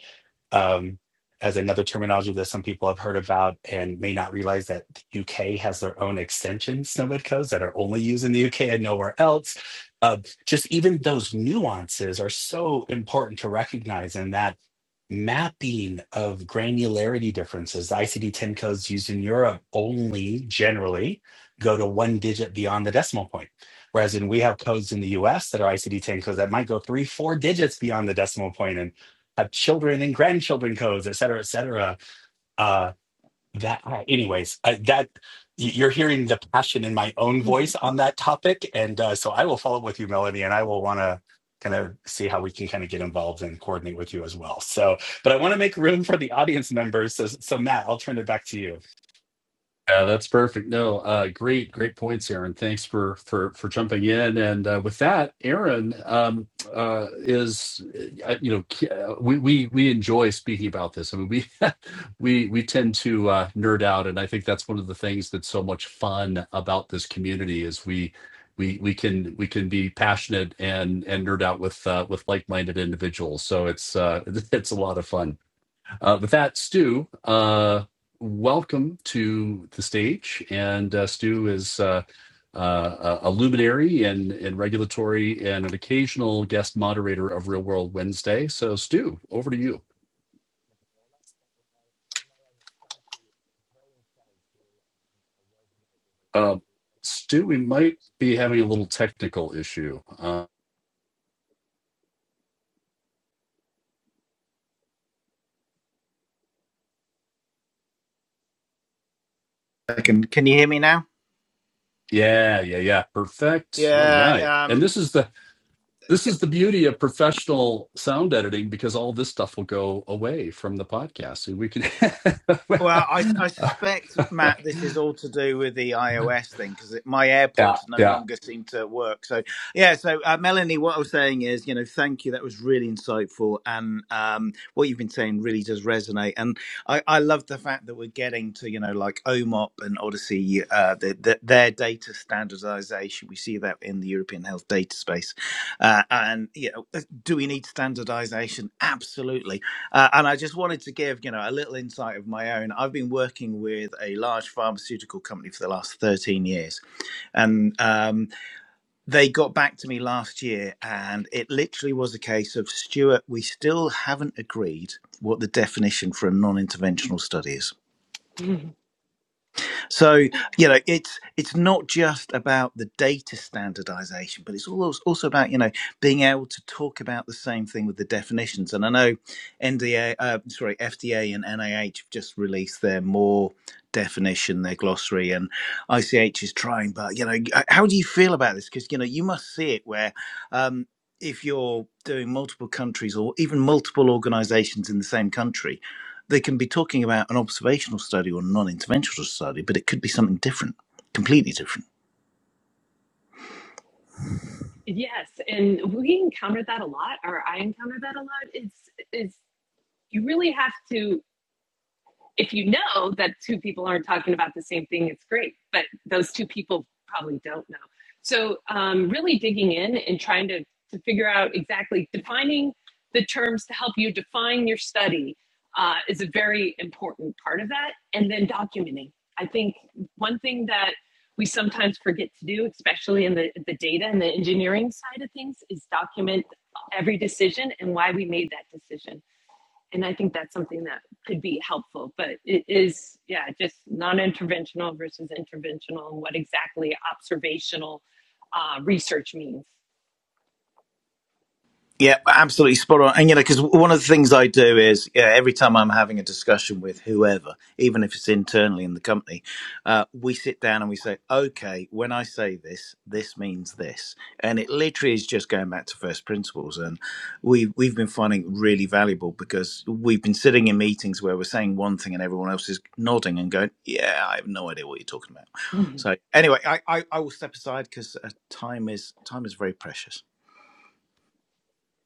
S2: um, as another terminology that some people have heard about and may not realize that the UK has their own extension SNOMED codes that are only used in the UK and nowhere else. Uh, just even those nuances are so important to recognize, and that mapping of granularity differences. The ICD-10 codes used in Europe only generally go to one digit beyond the decimal point, whereas in we have codes in the U.S. that are ICD-10 codes that might go three, four digits beyond the decimal point and have children and grandchildren codes, et cetera, et cetera. Uh, that uh, anyways I, that y- you're hearing the passion in my own voice on that topic and uh, so i will follow up with you melanie and i will want to kind of see how we can kind of get involved and coordinate with you as well so but i want to make room for the audience members so, so matt i'll turn it back to you
S1: Yeah, that's perfect. No, uh, great, great points, Aaron. Thanks for for for jumping in. And uh, with that, Aaron um, uh, is, uh, you know, k- uh, we we we enjoy speaking about this. I mean, we we we tend to uh, nerd out, and I think that's one of the things that's so much fun about this community is we we we can we can be passionate and and nerd out with uh, with like minded individuals. So it's uh, it's a lot of fun. Uh, with that, Stu, uh, welcome to the stage. And uh, Stu is uh, uh, a luminary in, in regulatory and an occasional guest moderator of Real World Wednesday. So, Stu, over to you. Uh, Stu, we might be having a little technical issue. Uh,
S4: Second, can you hear me now?
S1: yeah, yeah, yeah. Perfect. All right.
S4: Yeah,
S1: And
S4: um,
S1: this is the this is the beauty of professional sound editing because all this stuff will go away from the podcast. And we
S4: Well,
S1: can
S4: I, I suspect, Matt, this is all to do with the iOS thing because my
S1: Yeah,
S4: AirPods no
S1: yeah,
S4: longer seem to work. So, yeah, so uh, Melanie, what I was saying is, you know, thank you. That was really insightful. And um, what you've been saying really does resonate. And I, I love the fact that we're getting to, you know, like OMOP and Odyssey, uh, the, the, their data standardization. We see that in the European health data space. Uh, and, you know, uh, do we need standardization? Absolutely uh, and I just wanted to give, you know, a little insight of my own. I've been working with a large pharmaceutical company for the last 13 years, and um, they got back to me last year, and it literally was a case of Stuart, we still haven't agreed what the definition for a non-interventional study is.
S3: Mhm.
S4: So you know, it's it's not just about the data standardization, but it's also also about you know being able to talk about the same thing with the definitions. And I know NDA, uh, sorry, FDA and NIH have just released their more definition, their glossary, and ICH is trying. But you know, how do you feel about this? Because you know, you must see it where. Um, if you're doing multiple countries or even multiple organizations in the same country, they can be talking about an observational study or a non interventional study, but it could be something different, completely different.
S3: Yes, and we encounter that a lot, or I encounter that a lot. It's it's you really have to if you know that two people aren't talking about the same thing, it's great. But those two people probably don't know. So um, really digging in and trying to to figure out exactly defining the terms to help you define your study uh, is a very important part of that. And then documenting. I think one thing that we sometimes forget to do, especially in the, the data and the engineering side of things, is document every decision and why we made that decision and I think that's something that could be helpful. But it is, yeah, just non-interventional versus interventional, and what exactly observational uh, research means.
S4: Yeah, absolutely spot on. And you know, because one of the things I do is yeah, every time I'm having a discussion with whoever, even if it's internally in the company, uh, we sit down and we say, "Okay, when I say this, this means this," and it literally is just going back to first principles. And we we've been finding it really valuable because we've been sitting in meetings where we're saying one thing and everyone else is nodding and going, "Yeah, I have no idea what you're talking about." So anyway, I I, I will step aside because uh, time is time is very precious.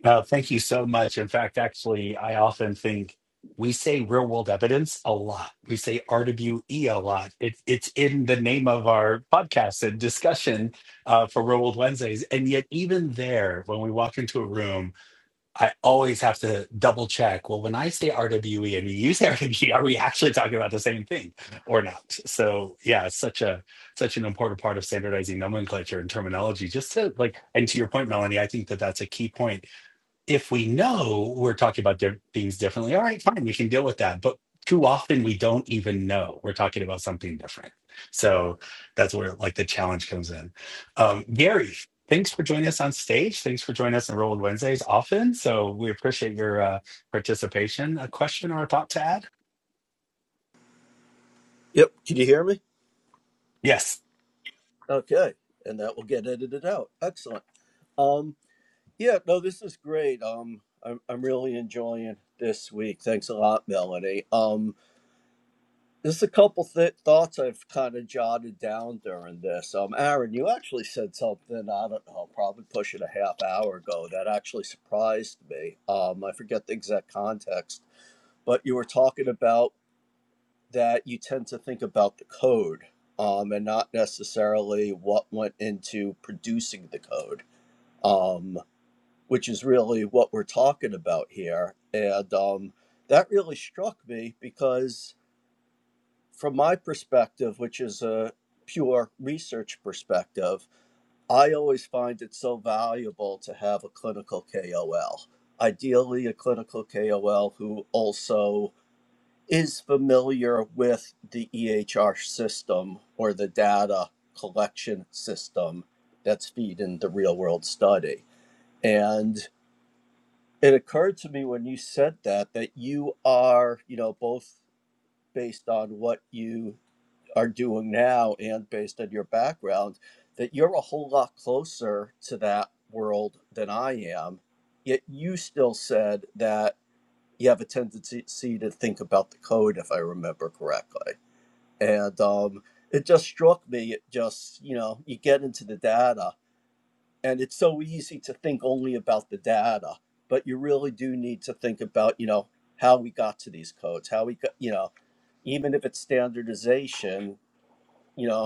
S2: No, thank you so much. In fact, actually, I often think we say real world evidence a lot. We say RWE a lot. It, it's in the name of our podcast and discussion uh, for Real World Wednesdays. And yet, even there, when we walk into a room, I always have to double check. Well, when I say RWE and you say RWE, are we actually talking about the same thing or not? So, yeah, it's such a such an important part of standardizing nomenclature and terminology. Just to like, and to your point, Melanie, I think that that's a key point if we know we're talking about di- things differently, all right, fine, we can deal with that. But too often we don't even know we're talking about something different. So that's where like the challenge comes in. Um, Gary, thanks for joining us on stage. Thanks for joining us on Roll with Wednesdays often. So we appreciate your uh, participation. A question or a thought to add?
S5: Yep. Can you hear me?
S2: Yes.
S5: Okay. And that will get edited out. Excellent. Um, yeah, no, this is great. Um, I'm, I'm really enjoying this week. Thanks a lot, Melanie. Um, there's a couple th- thoughts I've kind of jotted down during this. Um, Aaron, you actually said something, I don't know, probably pushing a half hour ago that actually surprised me. Um, I forget the exact context, but you were talking about that you tend to think about the code um, and not necessarily what went into producing the code, um, which is really what we're talking about here. And um, that really struck me because, from my perspective, which is a pure research perspective, I always find it so valuable to have a clinical KOL, ideally, a clinical KOL who also is familiar with the EHR system or the data collection system that's feeding the real world study. And it occurred to me when you said that, that you are, you know, both based on what you are doing now and based on your background, that you're a whole lot closer to that world than I am. Yet you still said that you have a tendency to think about the code, if I remember correctly and um, it just struck me it just you know you get into the data and it's so easy to think only about the data but you really do need to think about you know how we got to these codes how we got you know even if it's standardization you know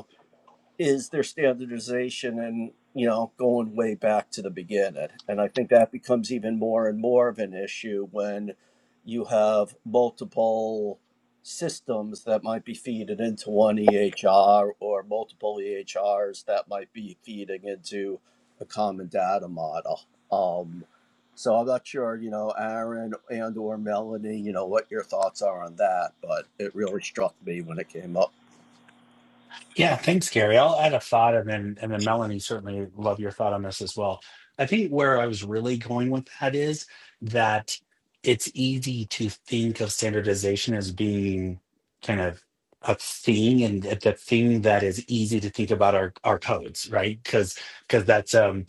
S5: is their standardization and you know going way back to the beginning and i think that becomes even more and more of an issue when you have multiple systems that might be feeding into one ehr or multiple ehrs that might be feeding into a common data model um, so i'm not sure you know aaron and or melanie you know what your thoughts are on that but it really struck me when it came up
S2: Yeah, thanks, Gary. I'll add a thought, and then and then Melanie certainly love your thought on this as well. I think where I was really going with that is that it's easy to think of standardization as being kind of a thing, and that the thing that is easy to think about are our codes, right? Because because that's um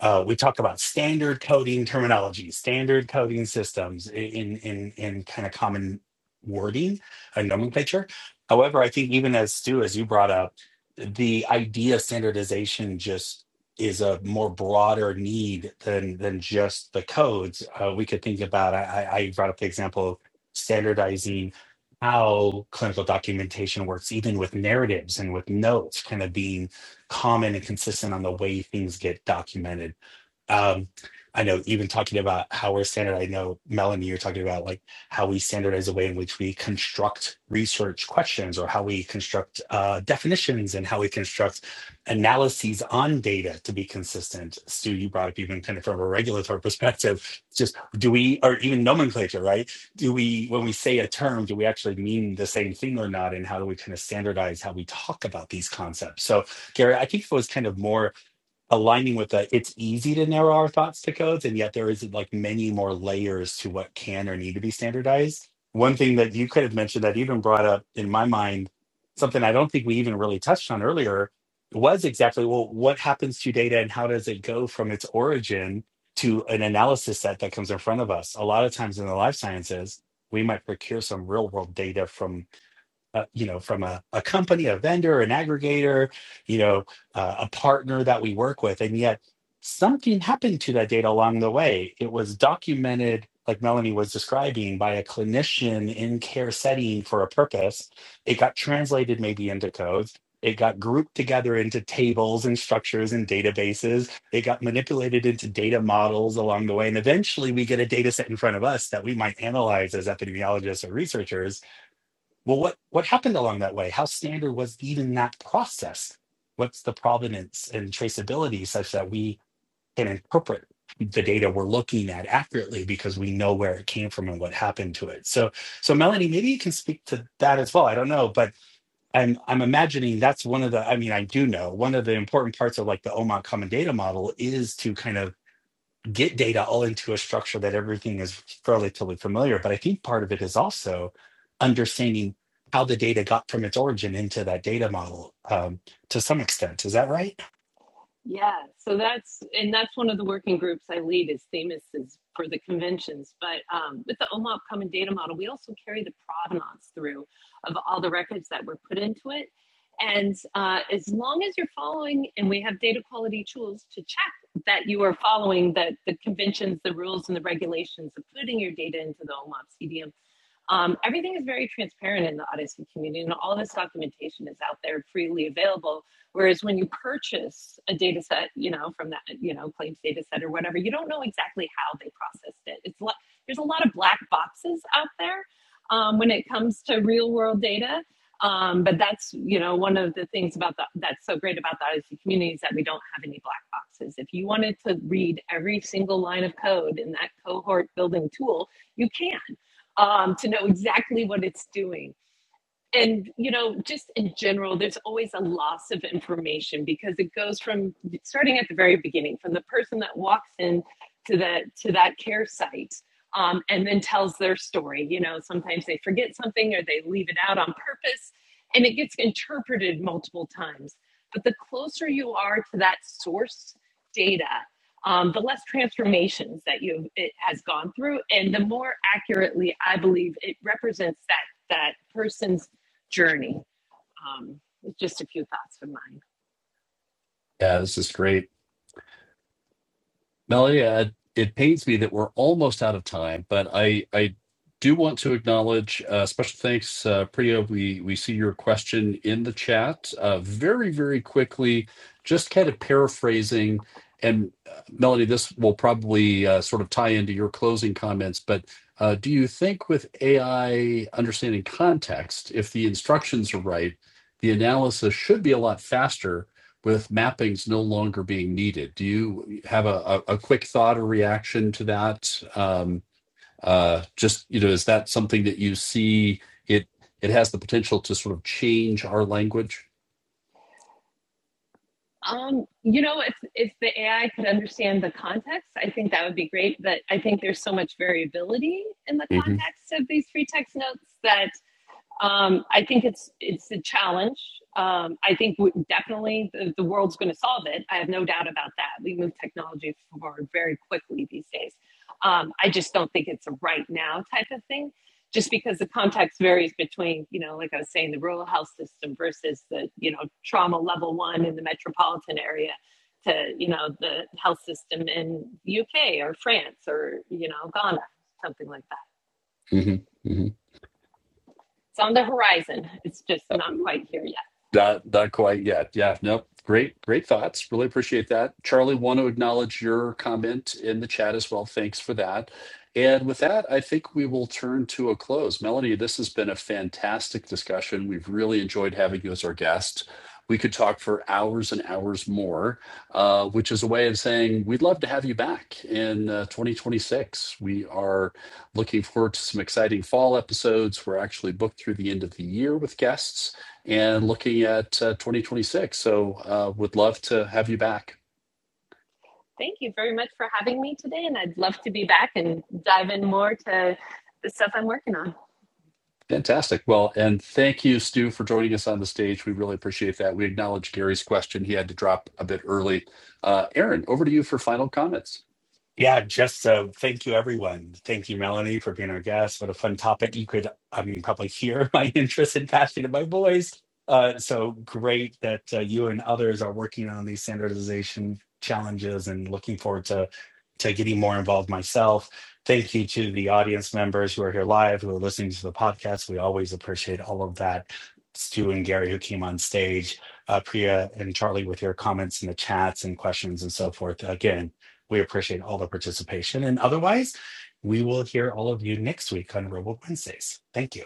S2: uh, we talk about standard coding terminology, standard coding systems in in in kind of common wording and nomenclature. However, I think even as Stu, as you brought up, the idea of standardization just is a more broader need than than just the codes. Uh, we could think about. I, I I brought up the example of standardizing how clinical documentation works, even with narratives and with notes, kind of being common and consistent on the way things get documented um, I know even talking about how we're standard, I know Melanie, you're talking about like how we standardize the way in which we construct research questions or how we construct uh, definitions and how we construct analyses on data to be consistent. Stu, you brought up even kind of from a regulatory perspective, just do we, or even nomenclature, right? Do we, when we say a term, do we actually mean the same thing or not? And how do we kind of standardize how we talk about these concepts? So, Gary, I think it was kind of more aligning with that it's easy to narrow our thoughts to codes and yet there is like many more layers to what can or need to be standardized one thing that you could have mentioned that even brought up in my mind something i don't think we even really touched on earlier was exactly well what happens to data and how does it go from its origin to an analysis set that comes in front of us a lot of times in the life sciences we might procure some real world data from uh, you know, from a, a company, a vendor, an aggregator, you know, uh, a partner that we work with. And yet something happened to that data along the way. It was documented, like Melanie was describing, by a clinician in care setting for a purpose. It got translated maybe into codes. It got grouped together into tables and structures and databases. It got manipulated into data models along the way. And eventually we get a data set in front of us that we might analyze as epidemiologists or researchers well, what what happened along that way? How standard was even that process? What's the provenance and traceability such that we can interpret the data we're looking at accurately because we know where it came from and what happened to it. So, so Melanie, maybe you can speak to that as well. I don't know, but I'm I'm imagining that's one of the. I mean, I do know one of the important parts of like the OMOD Common Data Model is to kind of get data all into a structure that everything is relatively familiar. But I think part of it is also understanding how the data got from its origin into that data model um, to some extent. Is that right?
S3: Yeah, so that's and that's one of the working groups I lead is Themis is for the conventions. But um, with the OMOP Common Data Model, we also carry the provenance through of all the records that were put into it. And uh, as long as you're following, and we have data quality tools to check that you are following that the conventions, the rules, and the regulations of putting your data into the OMOP um, everything is very transparent in the Odyssey community, and all this documentation is out there freely available. Whereas when you purchase a data set, you know, from that, you know, claims data set or whatever, you don't know exactly how they processed it. It's a there's a lot of black boxes out there um, when it comes to real world data. Um, but that's you know one of the things about the, that's so great about the Odyssey community is that we don't have any black boxes. If you wanted to read every single line of code in that cohort building tool, you can um, to know exactly what it's doing and you know just in general there's always a loss of information because it goes from starting at the very beginning from the person that walks in to the to that care site um, and then tells their story you know sometimes they forget something or they leave it out on purpose and it gets interpreted multiple times but the closer you are to that source data um, the less transformations that you it has gone through and the more accurately i believe it represents that that person's journey. Um, just a few thoughts from mine.
S1: yeah. This is great, Melody. Uh, it pains me that we're almost out of time, but I I do want to acknowledge uh, special thanks, uh, Priya. We we see your question in the chat uh, very very quickly. Just kind of paraphrasing, and uh, Melody, this will probably uh, sort of tie into your closing comments, but. Uh, do you think with AI understanding context, if the instructions are right, the analysis should be a lot faster with mappings no longer being needed. Do you have a, a, a quick thought or reaction to that? Um, uh, just you know, is that something that you see it it has the potential to sort of change our language?
S3: Um, you know, if if the AI could understand the context, I think that would be great. But I think there's so much variability in the
S1: hmm
S3: context of these free text notes that Um, I think it's it's a challenge. Um, I think we, definitely the, the world's going to solve it. I have no doubt about that. We move technology forward very quickly these days. Um, I just don't think it's a right now type of thing, just because the context varies between you know, like I was saying, the rural health system versus the you know trauma level one in the metropolitan area to you know the health system in the UK or France or you know Ghana, something like that.
S1: hmm hmm
S3: It's on the horizon. It's just not quite here yet.
S1: Not not quite yet. Yeah, no. Great, great thoughts. Really appreciate that. Charlie, want to acknowledge your comment in the chat as well. Thanks for that. And with that, I think we will turn to a close. Melanie, this has been a fantastic discussion. We've really enjoyed having you as our guest. We could talk for hours and hours more, uh, which is a way of saying we'd love to have you back in uh, 2026. We are looking forward to some exciting fall episodes. We're actually booked through the end of the year with guests and looking at uh, 2026. So uh, would love to have you back.
S3: Thank you very much for having me today, and I'd love to be back and dive in more to the stuff I'm working on.
S1: Fantastic. Well, and thank you, Stu, for joining us on the stage. We really appreciate that. We acknowledge Gary's question. He had to drop a bit early. Uh, Aaron, over to you for final comments.
S2: Yeah, just uh, thank you, everyone. Thank you, Melanie, for being our guest. What a fun topic. You could, I mean, probably hear my interest and passion in my voice. Uh, so great that uh, you and others are working on these standardization challenges and looking forward to, to getting more involved myself. Thank you to the audience members who are here live, who are listening to the podcast. We always appreciate all of that. Stu and Gary, who came on stage, uh, Priya and Charlie, with your comments in the chats and questions and so forth. Again, we appreciate all the participation. And otherwise, we will hear all of you next week on Robot Wednesdays. Thank you.